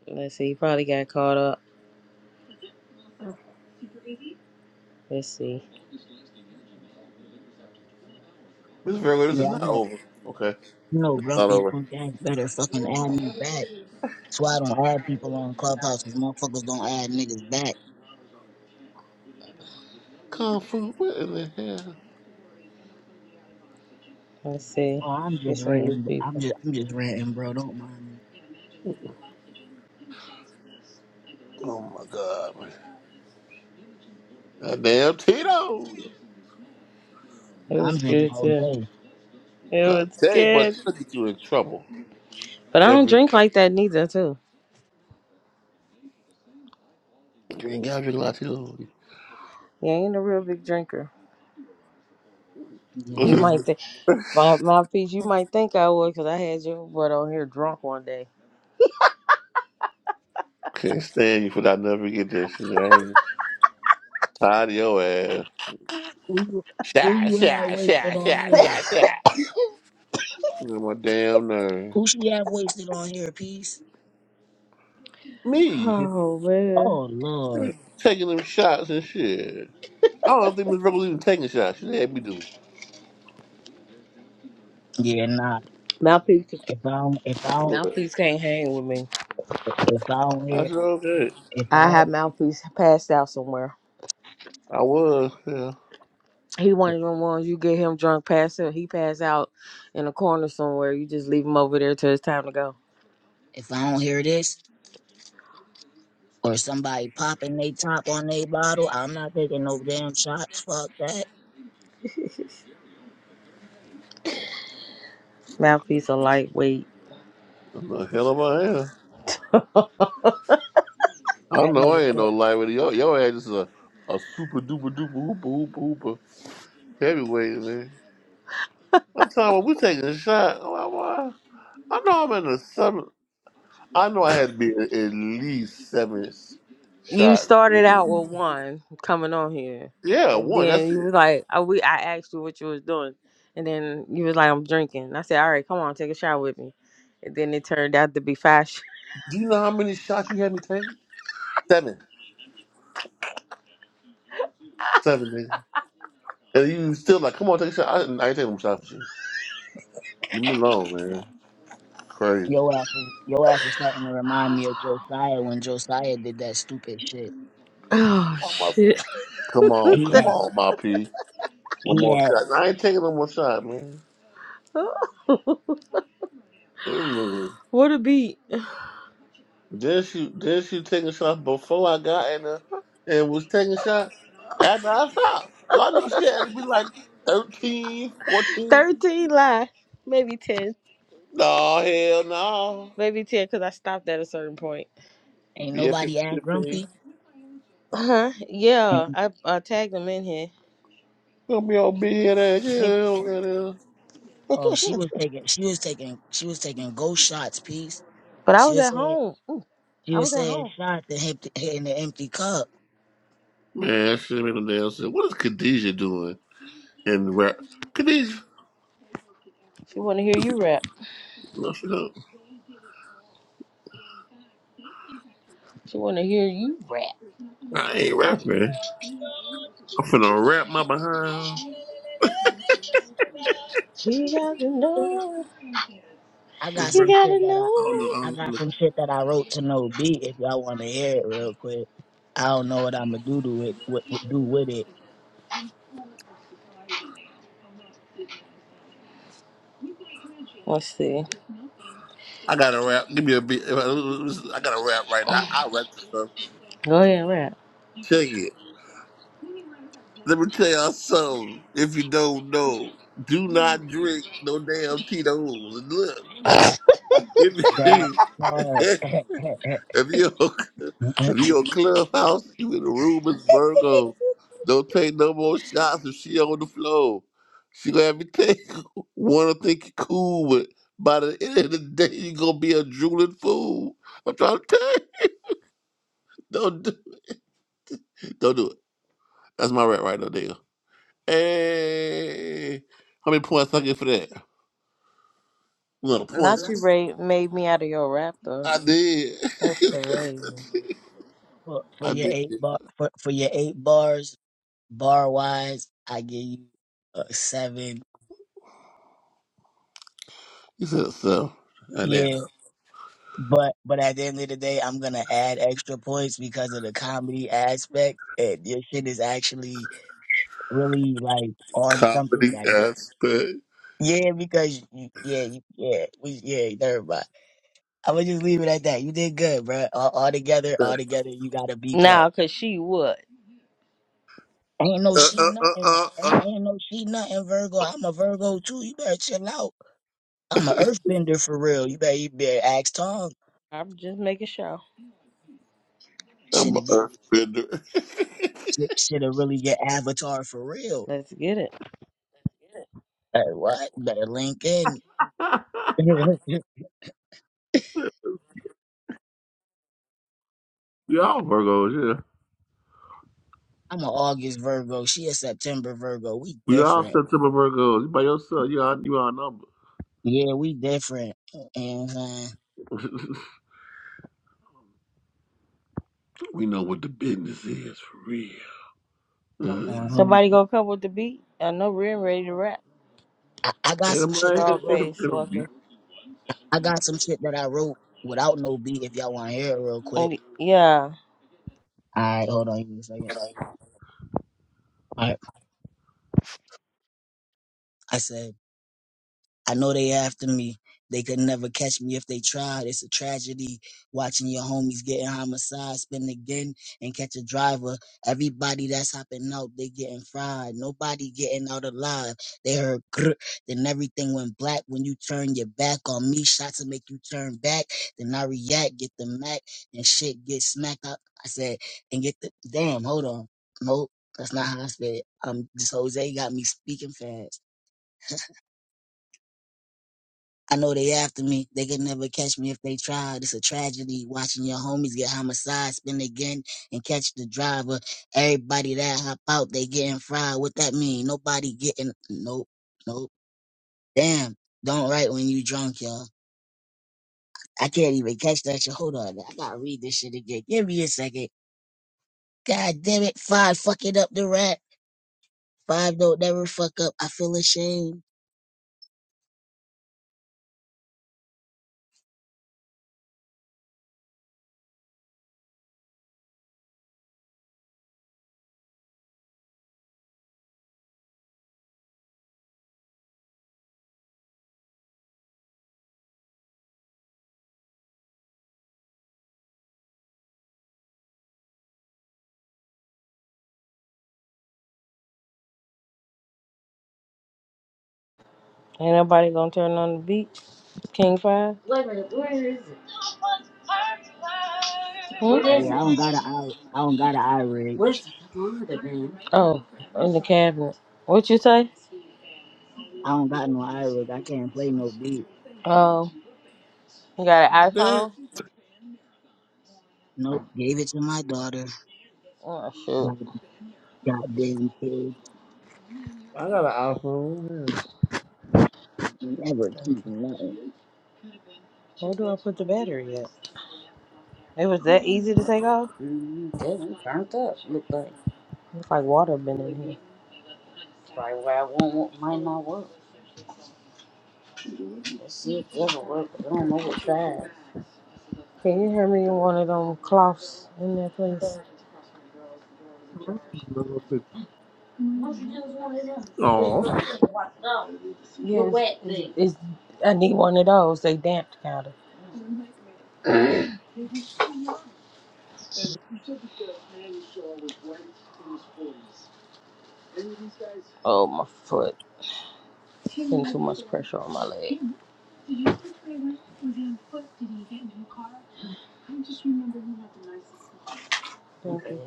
[SPEAKER 2] Let's see, he probably got caught up. Let's see.
[SPEAKER 3] Miss Virgo, this
[SPEAKER 1] Yeah,
[SPEAKER 3] is
[SPEAKER 1] I
[SPEAKER 3] not
[SPEAKER 1] know.
[SPEAKER 3] over. Okay,
[SPEAKER 1] You know,
[SPEAKER 3] not
[SPEAKER 1] grumpy
[SPEAKER 3] over.
[SPEAKER 1] punk ass better fucking add me back. That's why I don't add people on Clubhouse 'cause motherfuckers don't add niggas back.
[SPEAKER 3] Kung Fu, what in the hell?
[SPEAKER 2] Let's see.
[SPEAKER 1] Oh, I'm
[SPEAKER 2] Get
[SPEAKER 1] just
[SPEAKER 2] some new
[SPEAKER 1] ranting. I'm
[SPEAKER 2] people.
[SPEAKER 1] just, I'm just ranting, bro. Don't mind me.
[SPEAKER 3] Oh my god, man. Goddamn Tito.
[SPEAKER 2] It
[SPEAKER 1] Nah, I'm
[SPEAKER 2] was
[SPEAKER 1] drinking
[SPEAKER 2] good too.
[SPEAKER 1] Jose.
[SPEAKER 2] It
[SPEAKER 3] I
[SPEAKER 2] was
[SPEAKER 3] tell you, but
[SPEAKER 2] good.
[SPEAKER 3] Tito get you in trouble
[SPEAKER 2] But I don't
[SPEAKER 3] every
[SPEAKER 2] drink like that neither too.
[SPEAKER 3] drink out your Latino.
[SPEAKER 2] Yeah, I ain't a real big drinker.
[SPEAKER 1] Yeah,
[SPEAKER 2] You
[SPEAKER 3] [laughs]
[SPEAKER 1] nah.
[SPEAKER 2] might think. My mouthpiece, you might think I would, 'cause I had your butt on here drunk one day.
[SPEAKER 3] Can't stand you for that. Never get that shit. I ain't tired of your ass.
[SPEAKER 1] Who you, who
[SPEAKER 3] Shy,
[SPEAKER 1] you have
[SPEAKER 3] shy,
[SPEAKER 1] wasted
[SPEAKER 3] shy,
[SPEAKER 1] on
[SPEAKER 3] shy,
[SPEAKER 1] here?
[SPEAKER 3] shy, shy. You know my damn nerve.
[SPEAKER 1] Who she have wasted on here, peace?
[SPEAKER 3] Me
[SPEAKER 2] Oh man.
[SPEAKER 1] Oh Lord.
[SPEAKER 3] Me taking them shots and shit. I don't think Miss Rebel even taking shots. She had me do.
[SPEAKER 1] Yeah, nah.
[SPEAKER 2] Mouthpiece
[SPEAKER 1] If I don't, if I don't,
[SPEAKER 3] What?
[SPEAKER 2] mouthpiece can't hang with me.
[SPEAKER 1] if I don't
[SPEAKER 3] I
[SPEAKER 1] hear,
[SPEAKER 3] said okay.
[SPEAKER 1] if I,
[SPEAKER 2] I had mouthpiece passed out somewhere.
[SPEAKER 3] I was, yeah.
[SPEAKER 2] He one of them ones you get him drunk, pass out. He pass out in a corner somewhere. You just leave him over there till it's time to go.
[SPEAKER 1] if I don't hear this, or somebody popping they top on they bottle, I'm not taking no damn shots. Fuck that.
[SPEAKER 2] [laughs] mouthpiece a lightweight.
[SPEAKER 3] I'm the hell of I am. I
[SPEAKER 1] That
[SPEAKER 3] know
[SPEAKER 1] nigga
[SPEAKER 3] I ain't
[SPEAKER 1] said
[SPEAKER 3] no light with yo. Yo ass is a, a super duper duper hooper hooper hooper heavyweight man. I'm talking about we taking a shot. I'm like, why? I know I'm in the seven. I know I had to be at at least seven
[SPEAKER 2] you started out
[SPEAKER 3] shots.
[SPEAKER 2] with one coming on here,
[SPEAKER 3] Yeah,
[SPEAKER 2] and
[SPEAKER 3] one. That's
[SPEAKER 2] then you
[SPEAKER 3] it.
[SPEAKER 2] was like, "I we I asked you what you was doing," and then you was like, "I'm drinking." I said, "All right, come on, take a shower with me," and then it turned out to be fashion. [laughs]
[SPEAKER 3] Do you know how many shots you had me take? Seven. Seven, nigga. And you still like, come on, take a shot. I, I ain't taking no shots with you. Leave me alone, man. Crazy.
[SPEAKER 1] your ass is your ass is starting to remind me of Josiah when Josiah did that stupid shit.
[SPEAKER 2] Oh
[SPEAKER 3] Oh, my
[SPEAKER 2] shit!
[SPEAKER 3] fault. Come on,
[SPEAKER 1] He
[SPEAKER 3] come
[SPEAKER 2] [laughs]
[SPEAKER 1] had
[SPEAKER 3] on, my P. One
[SPEAKER 1] he
[SPEAKER 3] more
[SPEAKER 1] had
[SPEAKER 3] shot. I ain't taking no more shot, man. This nigga.
[SPEAKER 2] what a beat.
[SPEAKER 3] Then she, then she taking shots before I got in there and was taking shots after I stopped. So I know she had to be like thirteen, fourteen.
[SPEAKER 2] Thirteen lie, maybe ten,
[SPEAKER 3] No, hell no.
[SPEAKER 2] maybe ten, because I stopped at a certain point.
[SPEAKER 1] ain't
[SPEAKER 3] Yeah,
[SPEAKER 1] nobody act
[SPEAKER 3] 15.
[SPEAKER 1] grumpy.
[SPEAKER 2] Uh-huh. Yeah,
[SPEAKER 1] And,
[SPEAKER 2] I uh, tagged him in here.
[SPEAKER 3] Come your bed ass.
[SPEAKER 2] He,
[SPEAKER 3] Yeah, don't let her-
[SPEAKER 1] oh, she was taking she was taking she was taking ghost shots, peace.
[SPEAKER 2] but I
[SPEAKER 1] She
[SPEAKER 2] was
[SPEAKER 1] was
[SPEAKER 2] at
[SPEAKER 1] saying
[SPEAKER 2] home. Ooh,
[SPEAKER 1] she
[SPEAKER 2] I
[SPEAKER 1] was
[SPEAKER 2] was at
[SPEAKER 1] saying
[SPEAKER 2] home.
[SPEAKER 1] shots and empty, in the empty cup.
[SPEAKER 3] Man, that shit make no damn sense. What is Khadijah doing in rap? Khadijah,
[SPEAKER 2] She want to hear you rap.
[SPEAKER 3] no, she don't.
[SPEAKER 2] She want to hear you.
[SPEAKER 3] I ain't rapping. I'm finna rap my behind.
[SPEAKER 2] She got to know.
[SPEAKER 1] I
[SPEAKER 3] Let's
[SPEAKER 1] got
[SPEAKER 2] You
[SPEAKER 1] some shit
[SPEAKER 2] gotta
[SPEAKER 1] that I
[SPEAKER 3] I don't know. I,
[SPEAKER 2] know.
[SPEAKER 1] I
[SPEAKER 3] don't
[SPEAKER 1] got
[SPEAKER 3] know.
[SPEAKER 1] some shit that I wrote to no beat if y'all want to hear it real quick. I don't know what I'm gonna do to it, what, what do with it.
[SPEAKER 2] Let's see.
[SPEAKER 3] I gotta rap. Give me a beat. I gotta rap right now. I rap this stuff.
[SPEAKER 2] Go ahead, rap.
[SPEAKER 3] Check it. Let me tell y'all something. If you don't know, do not drink no damn Tito's. Look,
[SPEAKER 1] That
[SPEAKER 3] if,
[SPEAKER 1] part.
[SPEAKER 3] [laughs] If you [laughs] if
[SPEAKER 1] [laughs]
[SPEAKER 3] you on Clubhouse, you in the room with Virgo. Don't take no more shots if she on the floor. She gonna have you take [laughs] wanna think you cool, but by the end of the day you gonna be a drooling fool. I'm trying to tell you. [laughs] Don't do don't do it. That's my rant right now, there. Hey how many points I get for that? Little
[SPEAKER 2] Not you,
[SPEAKER 3] points.
[SPEAKER 2] Ray, made me out of your rap, though.
[SPEAKER 3] I did.
[SPEAKER 2] That's crazy.
[SPEAKER 1] for,
[SPEAKER 3] [laughs]
[SPEAKER 1] for
[SPEAKER 3] I
[SPEAKER 1] your
[SPEAKER 3] did.
[SPEAKER 1] eight bar for, for your eight bars bar wise i give you a seven
[SPEAKER 3] You said so. And then
[SPEAKER 1] yeah but but at the end of the day i'm gonna add extra points because of the comedy aspect and your shit is actually really like on something
[SPEAKER 3] comedy
[SPEAKER 1] that really
[SPEAKER 3] aspect.
[SPEAKER 1] yeah, because you, yeah, you, yeah, we, yeah, never mind. I'm gonna just leave it at that. You did good, bro. All, all together, all together, you got a B plus.
[SPEAKER 2] Nah, because she would.
[SPEAKER 1] Ain't no
[SPEAKER 3] Uh,
[SPEAKER 1] she
[SPEAKER 3] uh, uh,
[SPEAKER 1] nothing.
[SPEAKER 3] uh,
[SPEAKER 1] Ain't,
[SPEAKER 3] uh.
[SPEAKER 1] ain't no she nothing, Virgo. I'm a Virgo too. You better chill out. I'm an earthbender for real. You better, you better ask Tom.
[SPEAKER 2] I'm just making sure.
[SPEAKER 1] Should
[SPEAKER 3] I'm an
[SPEAKER 1] have get
[SPEAKER 3] earth bender. [laughs]
[SPEAKER 1] should should have really get Avatar for real.
[SPEAKER 2] Let's get it.
[SPEAKER 1] Uh, what? Better link in. [laughs] I'm
[SPEAKER 3] We all Virgos, yeah.
[SPEAKER 1] an August Virgo. She a September Virgo. We
[SPEAKER 3] We all
[SPEAKER 1] different.
[SPEAKER 3] September Virgos. You by yourself, you all, you all number.
[SPEAKER 1] Yeah, we different. And uh,
[SPEAKER 3] [laughs] we know what the business is for real. Mhm.
[SPEAKER 1] um,
[SPEAKER 2] Somebody gonna come with the beat? I know Ren ready to rap.
[SPEAKER 1] I, I got
[SPEAKER 3] Ain't
[SPEAKER 1] some shit that
[SPEAKER 3] nobody
[SPEAKER 1] I
[SPEAKER 3] ain't
[SPEAKER 1] wrote.
[SPEAKER 3] ever
[SPEAKER 2] Dogface,
[SPEAKER 3] gonna be.
[SPEAKER 2] welcome.
[SPEAKER 1] I got some shit that I wrote without no beat. If y'all want to hear it real quick.
[SPEAKER 2] Mm, Yeah.
[SPEAKER 1] All right, hold on, give me a second. All right, I said. I know they after me. They could never catch me if they tried. It's a tragedy watching your homies getting homicide, spin again and catch a driver. Everybody that's hopping out, they getting fried. Nobody getting out alive. They heard grr, then everything went black. When you turn your back on me, shots to make you turn back. Then I react, get the Mac, and shit get smacked up. I said, and get the damn. Hold on, nope, that's not how I said. it. Um, this Jose got me speaking fast. I know they after me. They could never catch me if they tried. It's a tragedy watching your homies get homicide, spin again, and catch the driver. Everybody that hop out, they getting fried. What that mean? Nobody getting nope, nope. Damn, don't write when you drunk, y'all. I can't even catch that shit. Hold on, I gotta read this shit again. Give me a second. God damn it, five fucking up the rat. Five don't never fuck up. I feel ashamed.
[SPEAKER 2] Ain't nobody gonna turn on the beat? King Five? Hmm? What
[SPEAKER 1] Oh
[SPEAKER 2] is
[SPEAKER 1] yeah, I
[SPEAKER 2] it?
[SPEAKER 1] don't got an I I don't got an eye rig.
[SPEAKER 2] Oh, in the cabinet. What you say?
[SPEAKER 1] I don't got no eye rig. I can't play no beat.
[SPEAKER 2] Oh, you got an
[SPEAKER 3] Damn,
[SPEAKER 2] iPhone?
[SPEAKER 1] Nope, gave it to my daughter.
[SPEAKER 2] Oh, shoot.
[SPEAKER 1] That goddamn kids
[SPEAKER 3] I got an iPhone.
[SPEAKER 1] ain't never
[SPEAKER 2] Thank
[SPEAKER 1] keeping nothing.
[SPEAKER 2] you. Where do I put the battery at? It was that easy to take off? It's like water been in here. Can you hand me one of them cloths in that place?
[SPEAKER 3] Yeah. Oh,
[SPEAKER 2] Yes. It's, it's, I need one of those. They damped kind of. Oh, my foot. Putting too much pressure on my leg. Thank you.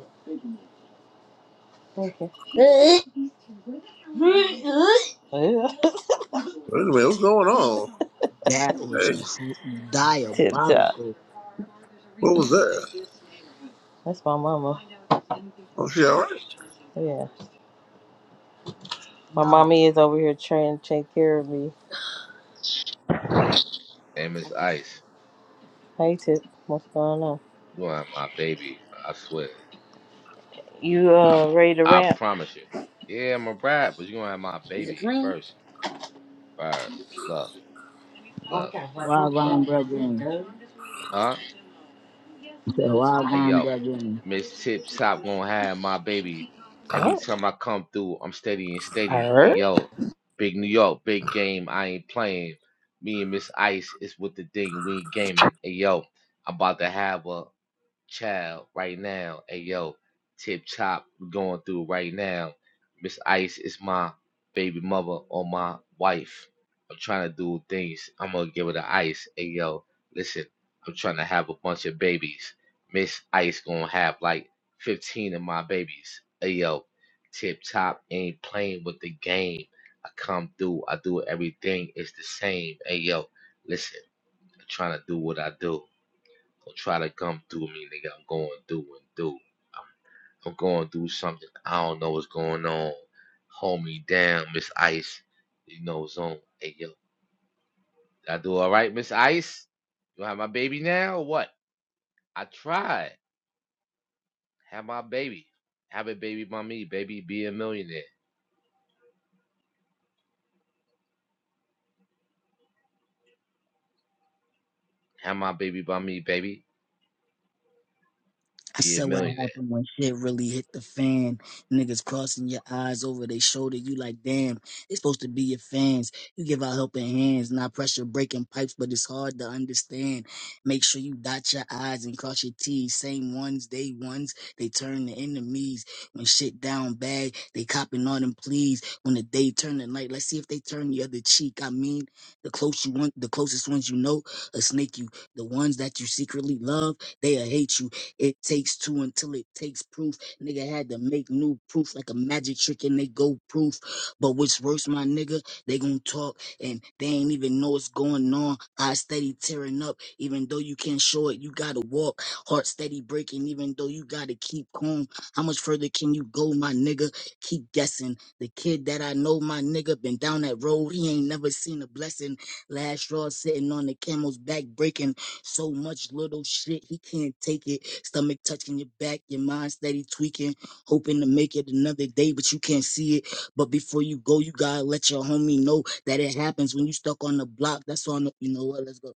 [SPEAKER 2] Thank you.
[SPEAKER 3] anyway, what's going on?
[SPEAKER 1] That was
[SPEAKER 3] Hey,
[SPEAKER 1] cr-
[SPEAKER 2] [laughs] Tip top.
[SPEAKER 1] diabolical.
[SPEAKER 3] what was that?
[SPEAKER 2] That's my mama.
[SPEAKER 3] Oh, she all right?
[SPEAKER 2] Yeah. My mommy is over here trying to take care of me.
[SPEAKER 5] Name is Ice.
[SPEAKER 2] Hey, Tip. What's going on?
[SPEAKER 5] You're gonna have my baby. I swear.
[SPEAKER 2] You
[SPEAKER 5] I
[SPEAKER 2] uh ready to
[SPEAKER 5] I
[SPEAKER 2] ramp?
[SPEAKER 5] promise you. Yeah, I'm a rap, but you're gonna have my baby first. Alright. Look, look, look.
[SPEAKER 1] Wagwan brethren.
[SPEAKER 5] Huh?
[SPEAKER 1] I said,
[SPEAKER 5] Hey
[SPEAKER 1] Wagwan
[SPEAKER 5] yo,
[SPEAKER 1] brethren.
[SPEAKER 5] Miss Tip Top gonna have my baby. Every
[SPEAKER 2] What?
[SPEAKER 5] time I come through, I'm steady and steady. Hey
[SPEAKER 2] Her?
[SPEAKER 5] yo, big New York, big game, I ain't playing. Me and Miss Ice is with the thing, we ain't gaming. Hey yo, I'm about to have a. child right now. Hey yo, tip top we going through right now. Miss Ice is my baby mother or my wife. I'm trying to do things. I'm gonna give her the ice. Hey yo, listen, I'm trying to have a bunch of babies. Miss Ice gonna have like 15 of my babies. Hey yo, tip top ain't playing with the game. I come through, I do everything. It's the same. Hey yo, listen, I'm trying to do what I do. Gonna try to come through me, nigga. I'm going through and through. I'm going through something. I don't know what's going on. Hold me down, Miss Ice. You know what's on. Hey, yo. Did I do all right, Miss Ice? You have my baby now or what? I tried. Have my baby. Have a baby by me, baby. Be a millionaire. Have my baby by me, baby.
[SPEAKER 1] I
[SPEAKER 5] Be a
[SPEAKER 1] said what
[SPEAKER 5] millionaire.
[SPEAKER 1] happened when shit really hit the fan. Niggas crossing your eyes over their shoulder. You like, damn, it's supposed to be your fans. You give out helping hands, not pressure breaking pipes, but it's hard to understand. Make sure you dot your I's and cross your T's. Same ones, they ones, they turn to enemies. When shit down bad, they copping all them pleas. When the day turn to night, let's see if they turn the other cheek. I mean, the close you want, the closest ones you know, a snake you. The ones that you secretly love, they'll hate you. It takes two until it takes proof. Nigga had to make new proof like a magic trick and they go proof. But what's worse, my nigga, they gonna talk and they ain't even know what's going on. Eyes steady tearing up, even though you can't show it, you gotta walk. Heart steady breaking, even though you gotta keep calm. How much further can you go, my nigga? Keep guessing. The kid that I know, my nigga, been down that road. He ain't never seen a blessing. Last straw sitting on the camel's back breaking. So much little shit, he can't take it. Stomach touching your back, your mind steady tweaking, hoping to make it another day, but you can't see it. But before you go, you gotta let your homie know that it happens when you stuck on the block. That's on the, you know what? Let's go.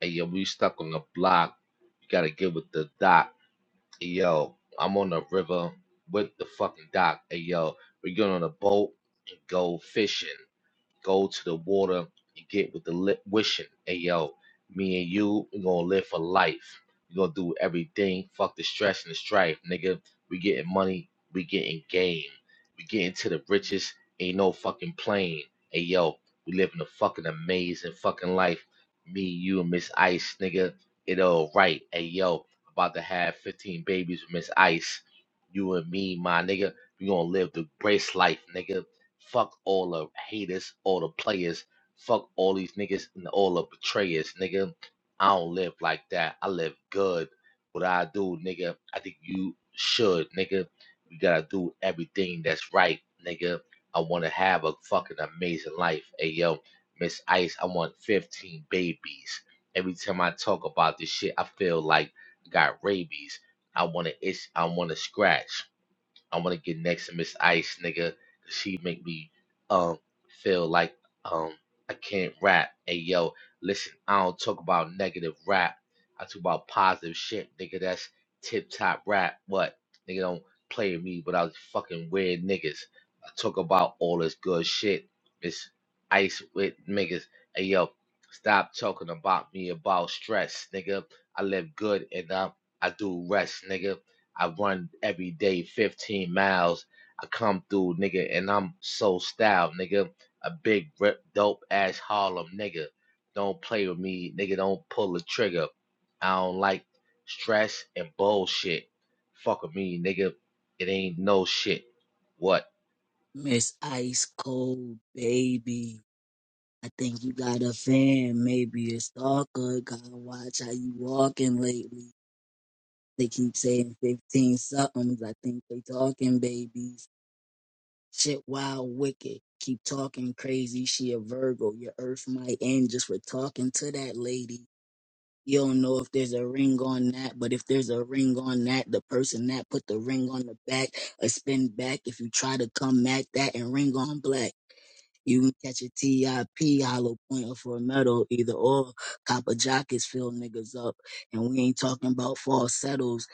[SPEAKER 5] Hey, yo, we stuck on the block. You gotta get with the doc. Hey, yo, I'm on the river with the fucking doc. Hey, yo, we get on a boat and go fishing go to the water and get with the li- wishing. Hey, yo, me and you, we gonna live for life. We gonna do everything. Fuck the stress and the strife, nigga. We getting money. We getting game. We getting to the riches. Ain't no fucking plane. Hey, yo, we living a fucking amazing fucking life. Me, you, and Miss Ice, nigga. It all right. Hey, yo, about to have 15 babies with Miss Ice. You and me, my nigga. We gonna live the grace life, nigga. Fuck all the haters, all the players. Fuck all these niggas and all the betrayers, nigga. I don't live like that. I live good. What I do, nigga, I think you should, nigga. You gotta do everything that's right, nigga. I wanna have a fucking amazing life. Hey yo, Miss Ice, I want 15 babies. Every time I talk about this shit, I feel like I got rabies. I wanna itch, I wanna scratch. I want to get next to Miss Ice, nigga. 'cause she make me um feel like um I can't rap. Hey yo, listen, I don't talk about negative rap. I talk about positive shit, nigga. That's tip top rap. What nigga don't play me without fucking weird niggas. I talk about all this good shit. Miss Ice with niggas. Hey yo, stop talking about me about stress, nigga. I live good and um I do rest, nigga. I run every day 15 miles. I come through, nigga, and I'm so styled, nigga. A big rip, dope ass Harlem, nigga. Don't play with me, nigga. Don't pull the trigger. I don't like stress and bullshit. Fuck with me, nigga. It ain't no shit. What?
[SPEAKER 1] Miss Ice Cold, baby. I think you got a fan, maybe a stalker. Gotta watch how you walking lately. They keep saying 15 somethings. I think they talking, baby. Shit wild, wicked. Keep talking crazy. She a Virgo. Your earth might end just for talking to that lady. You don't know if there's a ring on that, but if there's a ring on that, the person that put the ring on the back, a spin back if you try to come at that and ring on black. You can catch a TIP hollow pointer for a medal, either or. Copper jockeys fill niggas up. And we ain't talking about falsettos.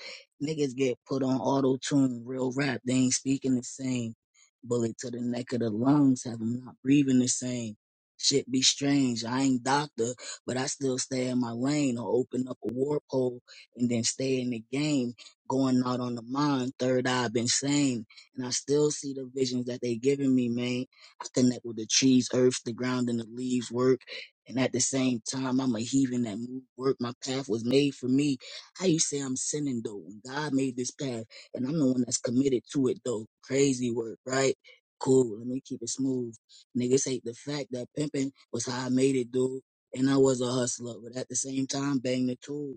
[SPEAKER 1] Niggas get put on auto tune, real rap. They ain't speaking the same. Bullet to the neck of the lungs, have 'em not breathing the same. Shit be strange. I ain't doctor, but I still stay in my lane or open up a warp hole and then stay in the game. Going out on the mind, third eye been sane. And I still see the visions that they giving me, man. I connect with the trees, earth, the ground, and the leaves work. And at the same time, I'm a heathen that move work. My path was made for me. How you say I'm sinning though? When God made this path, and I'm the one that's committed to it though. Crazy work, right? Cool. Let me keep it smooth. Niggas hate the fact that pimping was how I made it, dude. And I was a hustler, but at the same time, bang the tool.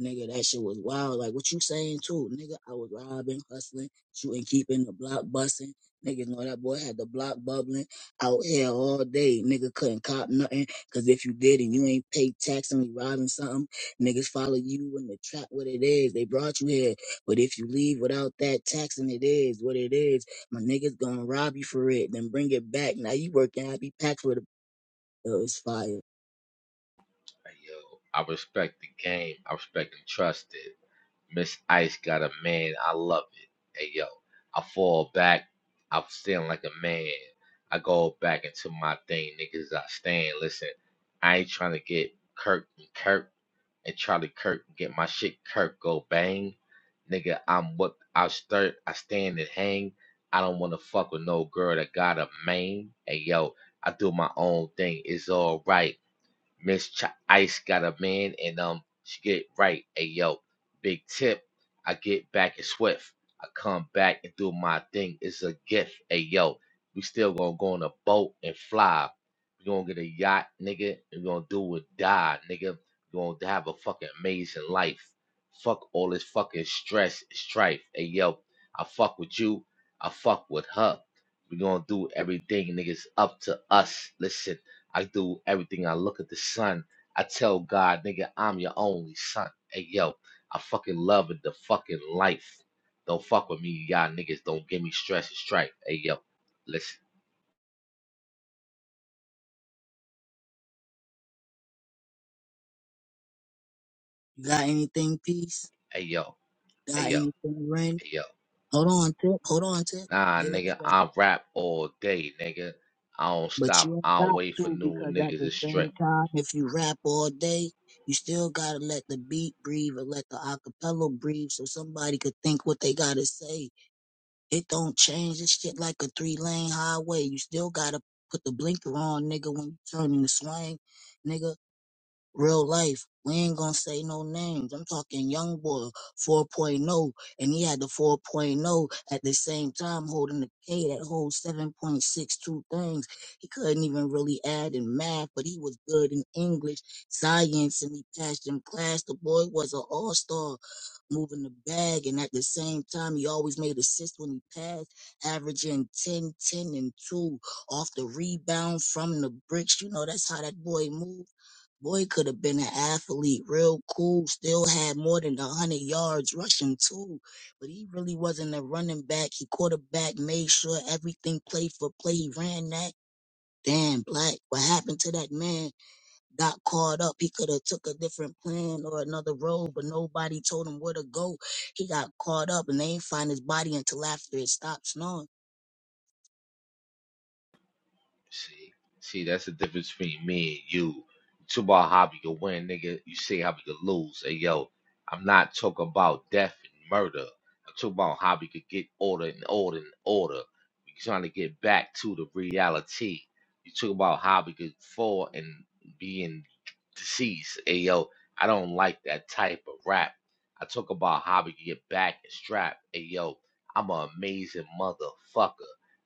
[SPEAKER 1] Nigga, that shit was wild. Like, what you saying, too? Nigga, I was robbing, hustling, shooting, keeping the block busting. Niggas know that boy had the block bubbling out here all day. Nigga couldn't cop nothing. Cause if you did and you ain't paid tax and you robbing something, niggas follow you in the trap what it is. They brought you here. But if you leave without that tax and it is what it is, my niggas gonna rob you for it, then bring it back. Now you working happy pack for the oh, it's fire.
[SPEAKER 5] Hey, Yo, I respect the game. I respect and trust it. Miss Ice got a man. I love it. Hey yo, I fall back. I'm feeling like a man. I go back into my thing, niggas. I stand. Listen, I ain't trying to get Kirk and Kirk and try to Kirk and get my shit Kirk go bang, nigga. I'm what I start. I stand and hang. I don't want to fuck with no girl that got a man. Hey yo, I do my own thing. It's all right. Miss Ch- Ice got a man, and um, she get right. Hey yo, big tip. I get back and swift. I come back and do my thing. It's a gift. Hey yo, we still gonna go on a boat and fly. We gonna get a yacht, nigga. We gonna do or die, nigga. We gonna have a fucking amazing life. Fuck all this fucking stress, strife. Hey yo, I fuck with you. I fuck with her. We gonna do everything, niggas. Up to us. Listen. I do everything. I look at the sun. I tell God, nigga, I'm your only son. Hey, yo, I fucking love it, the fucking life. Don't fuck with me, y'all niggas. Don't give me stress and strife. Hey, yo, listen.
[SPEAKER 1] You got anything, peace?
[SPEAKER 5] Hey, yo, hey,
[SPEAKER 1] Got
[SPEAKER 5] yo,
[SPEAKER 1] anything, Ren?
[SPEAKER 5] hey, yo.
[SPEAKER 1] Hold on, Tip. Hold on, Tip.
[SPEAKER 5] Nah,
[SPEAKER 1] Give it a
[SPEAKER 5] nigga,
[SPEAKER 1] second.
[SPEAKER 5] I rap all day, nigga. I don't
[SPEAKER 1] But
[SPEAKER 5] stop.
[SPEAKER 1] you ain't
[SPEAKER 5] I don't
[SPEAKER 1] got
[SPEAKER 5] wait for
[SPEAKER 1] to
[SPEAKER 5] new
[SPEAKER 1] because at
[SPEAKER 5] niggas.
[SPEAKER 1] the
[SPEAKER 5] It's straight.
[SPEAKER 1] same time, if you rap all day, you still gotta let the beat breathe and let the acapella breathe so somebody could think what they gotta say. It don't change this shit like a three lane highway. You still gotta put the blinker on, nigga, when you turn in the swing, nigga real life. We ain't gonna say no names. I'm talking young boy 4.0, point oh, and he had the 4.0 point oh at the same time holding the K that holds 7.62 things. He couldn't even really add in math, but he was good in English, science, and he passed in class. The boy was an all-star moving the bag, and at the same time, he always made assists when he passed, averaging 10, 10, and 2 off the rebound from the bricks. You know, that's how that boy moved Boy could have been an athlete, real cool, still had more than 100 yards rushing too. But he really wasn't a running back. He quarterback, made sure everything played for play. He ran that. Damn, Black, what happened to that man? Got caught up. He could have took a different plan or another road, but nobody told him where to go. He got caught up and they ain't find his body until after it stopped snowing.
[SPEAKER 5] See, see, that's the difference between me and you. You talk about how we can win, nigga. You say how we can lose. Hey, yo, I'm not talking about death and murder. I'm talking about how we could get order and order and order. We trying to get back to the reality. You talk about how we could fall and being deceased. Hey, yo, I don't like that type of rap. I talk about how we can get back and strap. Hey, yo, I'm an amazing motherfucker.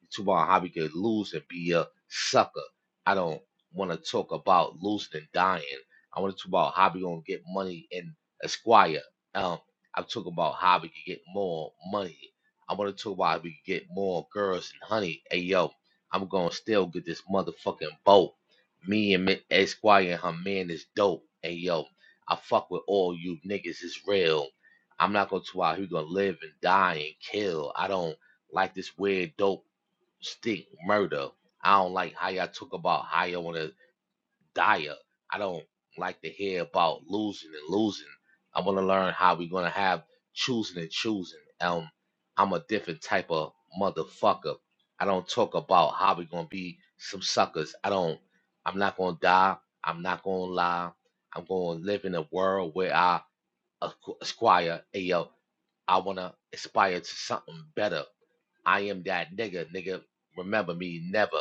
[SPEAKER 5] Tubal Hobby could lose and be a sucker. I don't want to talk about losing and dying. I want to talk about Hobby gonna get money in Esquire. Um, I'm talking about Hobby can get more money. I want to talk about how we can get more girls and honey. Hey yo, I'm gonna still get this motherfucking boat. Me and Mi- Esquire and her man is dope. Hey yo, I fuck with all you niggas. It's real. I'm not gonna talk about who gonna live and die and kill. I don't like this weird dope stick murder. I don't like how y'all talk about how y'all want to die up. I don't like to hear about losing and losing. I want to learn how we're gonna have choosing and choosing. Um, I'm a different type of motherfucker. I don't talk about how we gonna be some suckers. I don't. I'm not gonna die. I'm not gonna lie. I'm gonna live in a world where I acqu- acquire. hey yo. I wanna aspire to something better. I am that nigga, nigga. Remember me never.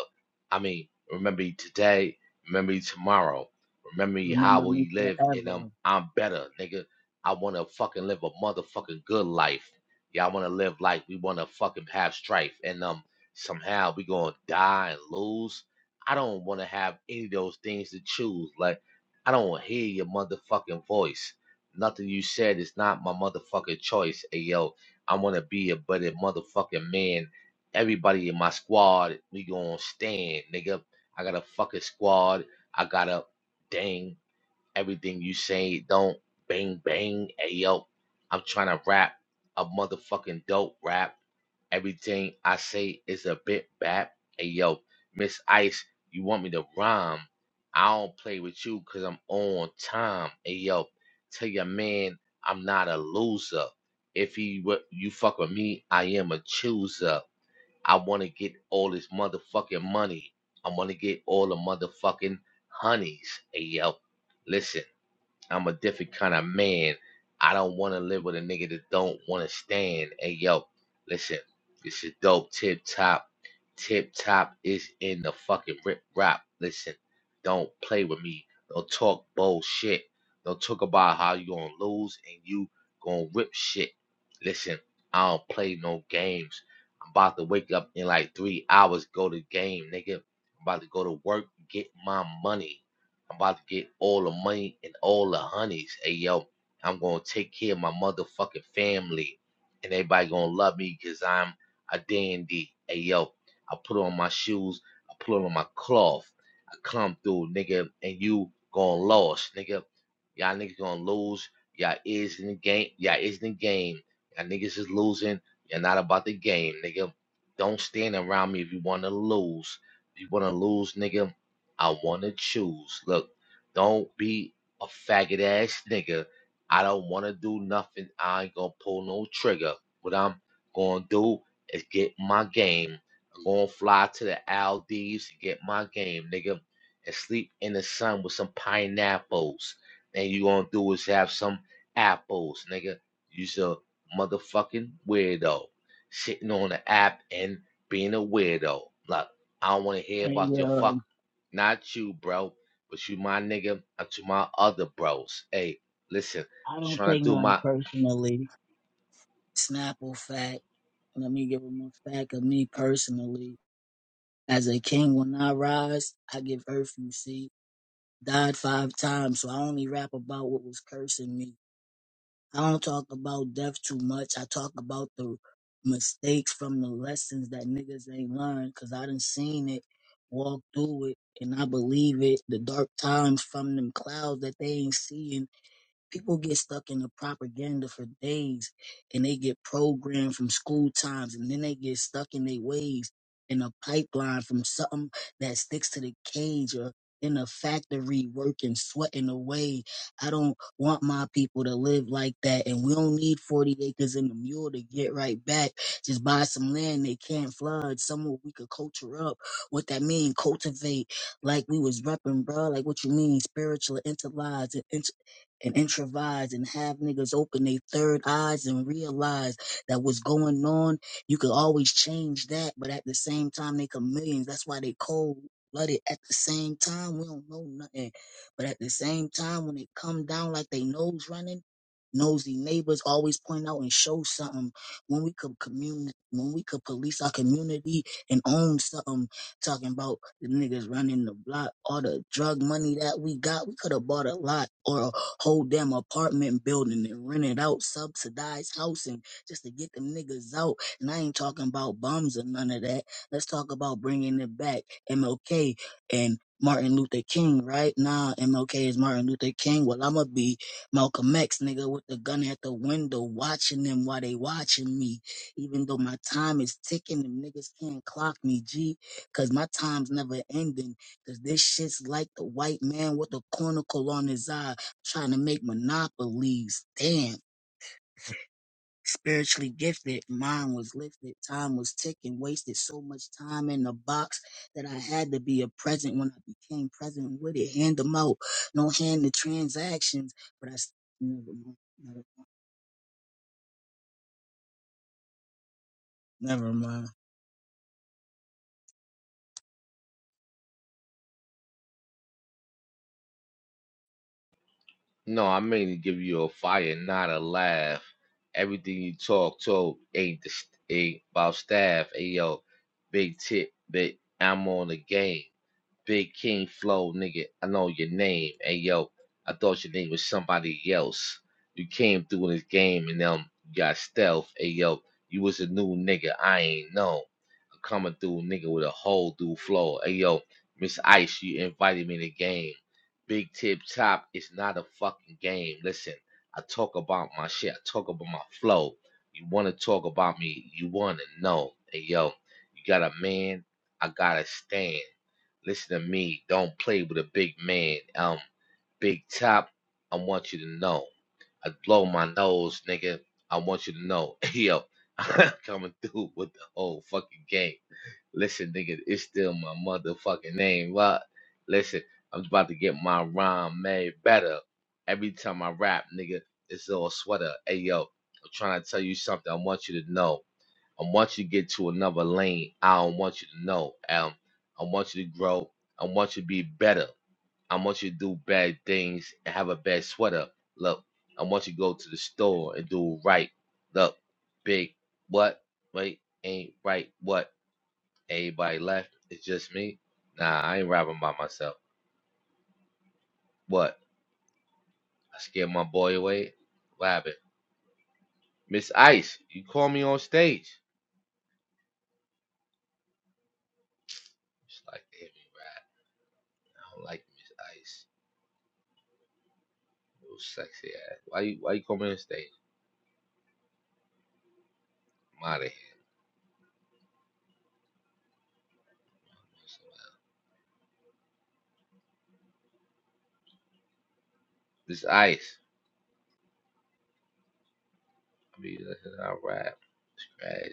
[SPEAKER 5] I mean, remember me today, remember me tomorrow, remember me
[SPEAKER 1] Remember
[SPEAKER 5] how
[SPEAKER 1] me
[SPEAKER 5] we live, and
[SPEAKER 1] forever.
[SPEAKER 5] um, I'm better, nigga. I wanna fucking live a motherfucking good life. Y'all wanna live like we wanna fucking have strife, and um, somehow we gonna die and lose. I don't wanna have any of those things to choose. Like, I don't wanna hear your motherfucking voice. Nothing you said is not my motherfucking choice. Hey yo, I wanna be a better motherfucking man. Everybody in my squad, we gonna stand, nigga. I got a fucking squad. I got a dang everything you say. Don't bang bang. Hey yo, I'm trying to rap a motherfucking dope rap Everything I say is a bit bad. Hey, yo, Miss Ice, you want me to rhyme? I don't play with you because I'm on time. Hey, yo, tell your man I'm not a loser. If he, wa- you fuck with me, I am a chooser. I want to get all this motherfucking money. I want to get all the motherfucking honeys. Hey, yo, listen. I'm a different kind of man. I don't want to live with a nigga that don't want to stand. Hey, yo, listen, this is dope. Tip top, tip top is in the fucking rip rap. Listen, don't play with me. Don't talk bullshit. Don't talk about how you gonna lose and you gonna rip shit. Listen, I don't play no games. I'm about to wake up in like three hours, go to game, nigga. I'm about to go to work, get my money. I'm about to get all the money and all the honeys. Hey yo, I'm gonna take care of my motherfucking family, and everybody gonna love me because I'm a dandy. Hey yo, I put on my shoes, I put on my cloth, I come through, nigga, and you gonna lose, nigga. Y'all niggas gonna lose. Y'all is in the game. Y'all is in the game. Y'all niggas is losing. You're not about the game, nigga. Don't stand around me if you wanna lose. If you wanna lose, nigga. I want to choose. Look, don't be a faggot ass nigga. I don't want to do nothing. I ain't going to pull no trigger. What I'm going to do is get my game. I'm going to fly to the Aldis and get my game, nigga, and sleep in the sun with some pineapples. And you going to do is have some apples, nigga. You's a motherfucking weirdo. Sitting on the app and being a weirdo. Look, I don't want to hear about
[SPEAKER 1] And
[SPEAKER 5] your fucking.
[SPEAKER 1] um,
[SPEAKER 5] Not you, bro, but you my nigga and to my other bros. Hey, listen,
[SPEAKER 1] I
[SPEAKER 5] I'm
[SPEAKER 1] don't
[SPEAKER 5] trying
[SPEAKER 1] take
[SPEAKER 5] to do
[SPEAKER 1] nothing
[SPEAKER 5] my
[SPEAKER 1] personally Snapple fact. Let me give him a fact of me personally. As a king, when I rise, I give earth, you see. Died five times, so I only rap about what was cursing me. I don't talk about death too much. I talk about the mistakes from the lessons that niggas ain't learned, cause I done seen it, walk through it, and I believe it. The dark times from them clouds that they ain't seeing people get stuck in the propaganda for days and they get programmed from school times and then they get stuck in their ways in a pipeline from something that sticks to the cage or in a factory working, sweating away. I don't want my people to live like that. And we don't need 40 acres and a mule to get right back. Just buy some land they can't flood, somewhere we could culture up. What that mean, cultivate like we was repping, bro. Like what you mean, spiritual, intellectual, and improvise and have niggas open their third eyes and realize that what's going on, you could always change that, but at the same time, they chameleons. That's why they cold blooded. At the same time, we don't know nothing, but at the same time, when it come down like they nose running, nosy neighbors always point out and show something. When we could communi- when we could police our community and own something talking about the niggas running the block, all the drug money that we got. We could have bought a lot or a whole damn apartment building and rented out subsidized housing just to get them niggas out. And I ain't talking about bums or none of that. Let's talk about bringing it back. MLK and Martin Luther King, right? Nah, MLK is Martin Luther King. Well, I'ma be Malcolm X, nigga, with the gun at the window, watching them while they watching me. Even though my time is ticking, them niggas can't clock me, G. Cause my time's never ending. Cause this shit's like the white man with a cornicle on his eye trying to make monopolies. Damn. Spiritually gifted, mine was lifted, time was ticking, wasted so much time in the box that I had to be a present when I became present with it. Hand them out, no hand the transactions, but I s- never mind. Never, never mind.
[SPEAKER 5] no, I mean to give you a fire, not a laugh. Everything you talk to ain't the st- ain't about staff. Hey yo, big tip, big I'm on the game. Big King Flow, nigga, I know your name. Hey, yo, I thought your name was somebody else. You came through in this game and um, you got stealth. Hey, yo, you was a new nigga. I ain't know. I'm coming through, nigga, with a whole new flow. Hey, yo, Miss Ice, you invited me to the game. Big Tip Top is not a fucking game. Listen, I talk about my shit. I talk about my flow. You want to talk about me, you want to know. Hey, yo, you got a man, I got to stand. Listen to me. Don't play with a big man. Um, Big Top, I want you to know. I blow my nose, nigga. I want you to know. [laughs] Yo, I'm coming through with the whole fucking game. Listen, nigga, it's still my motherfucking name. What? Listen, I'm about to get my rhyme made better. Every time I rap, nigga, it's all sweater. Hey, yo, I'm trying to tell you something. I want you to know. I want you to get to another lane. I don't want you to know. Um, I want you to grow. I want you to be better. I want you to do bad things and have a bad sweater. Look, I want you to go to the store and do right. Look, big what? Wait, ain't right what? Everybody left. It's just me. Nah, I ain't rapping by myself. What? I scared my boy away. What happened? Miss Ice, you call me on stage. It's like, damn, I don't like Miss Ice. Little sexy ass. Why you why you coming on stage? I'm out of here. So, this ice. I mean, listen, I rap. Scratch.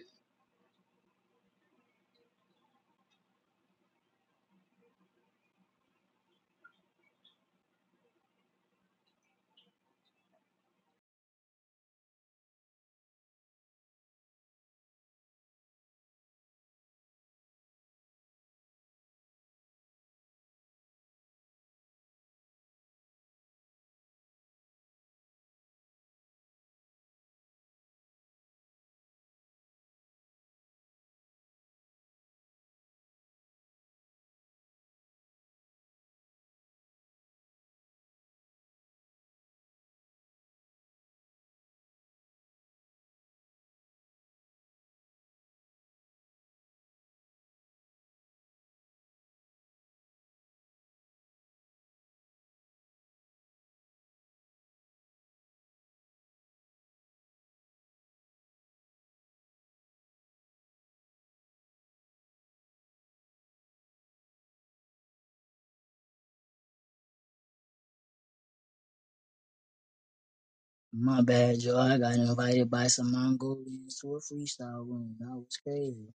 [SPEAKER 1] My bad, y'all. I got invited by some Mongolians to a freestyle room. That was crazy.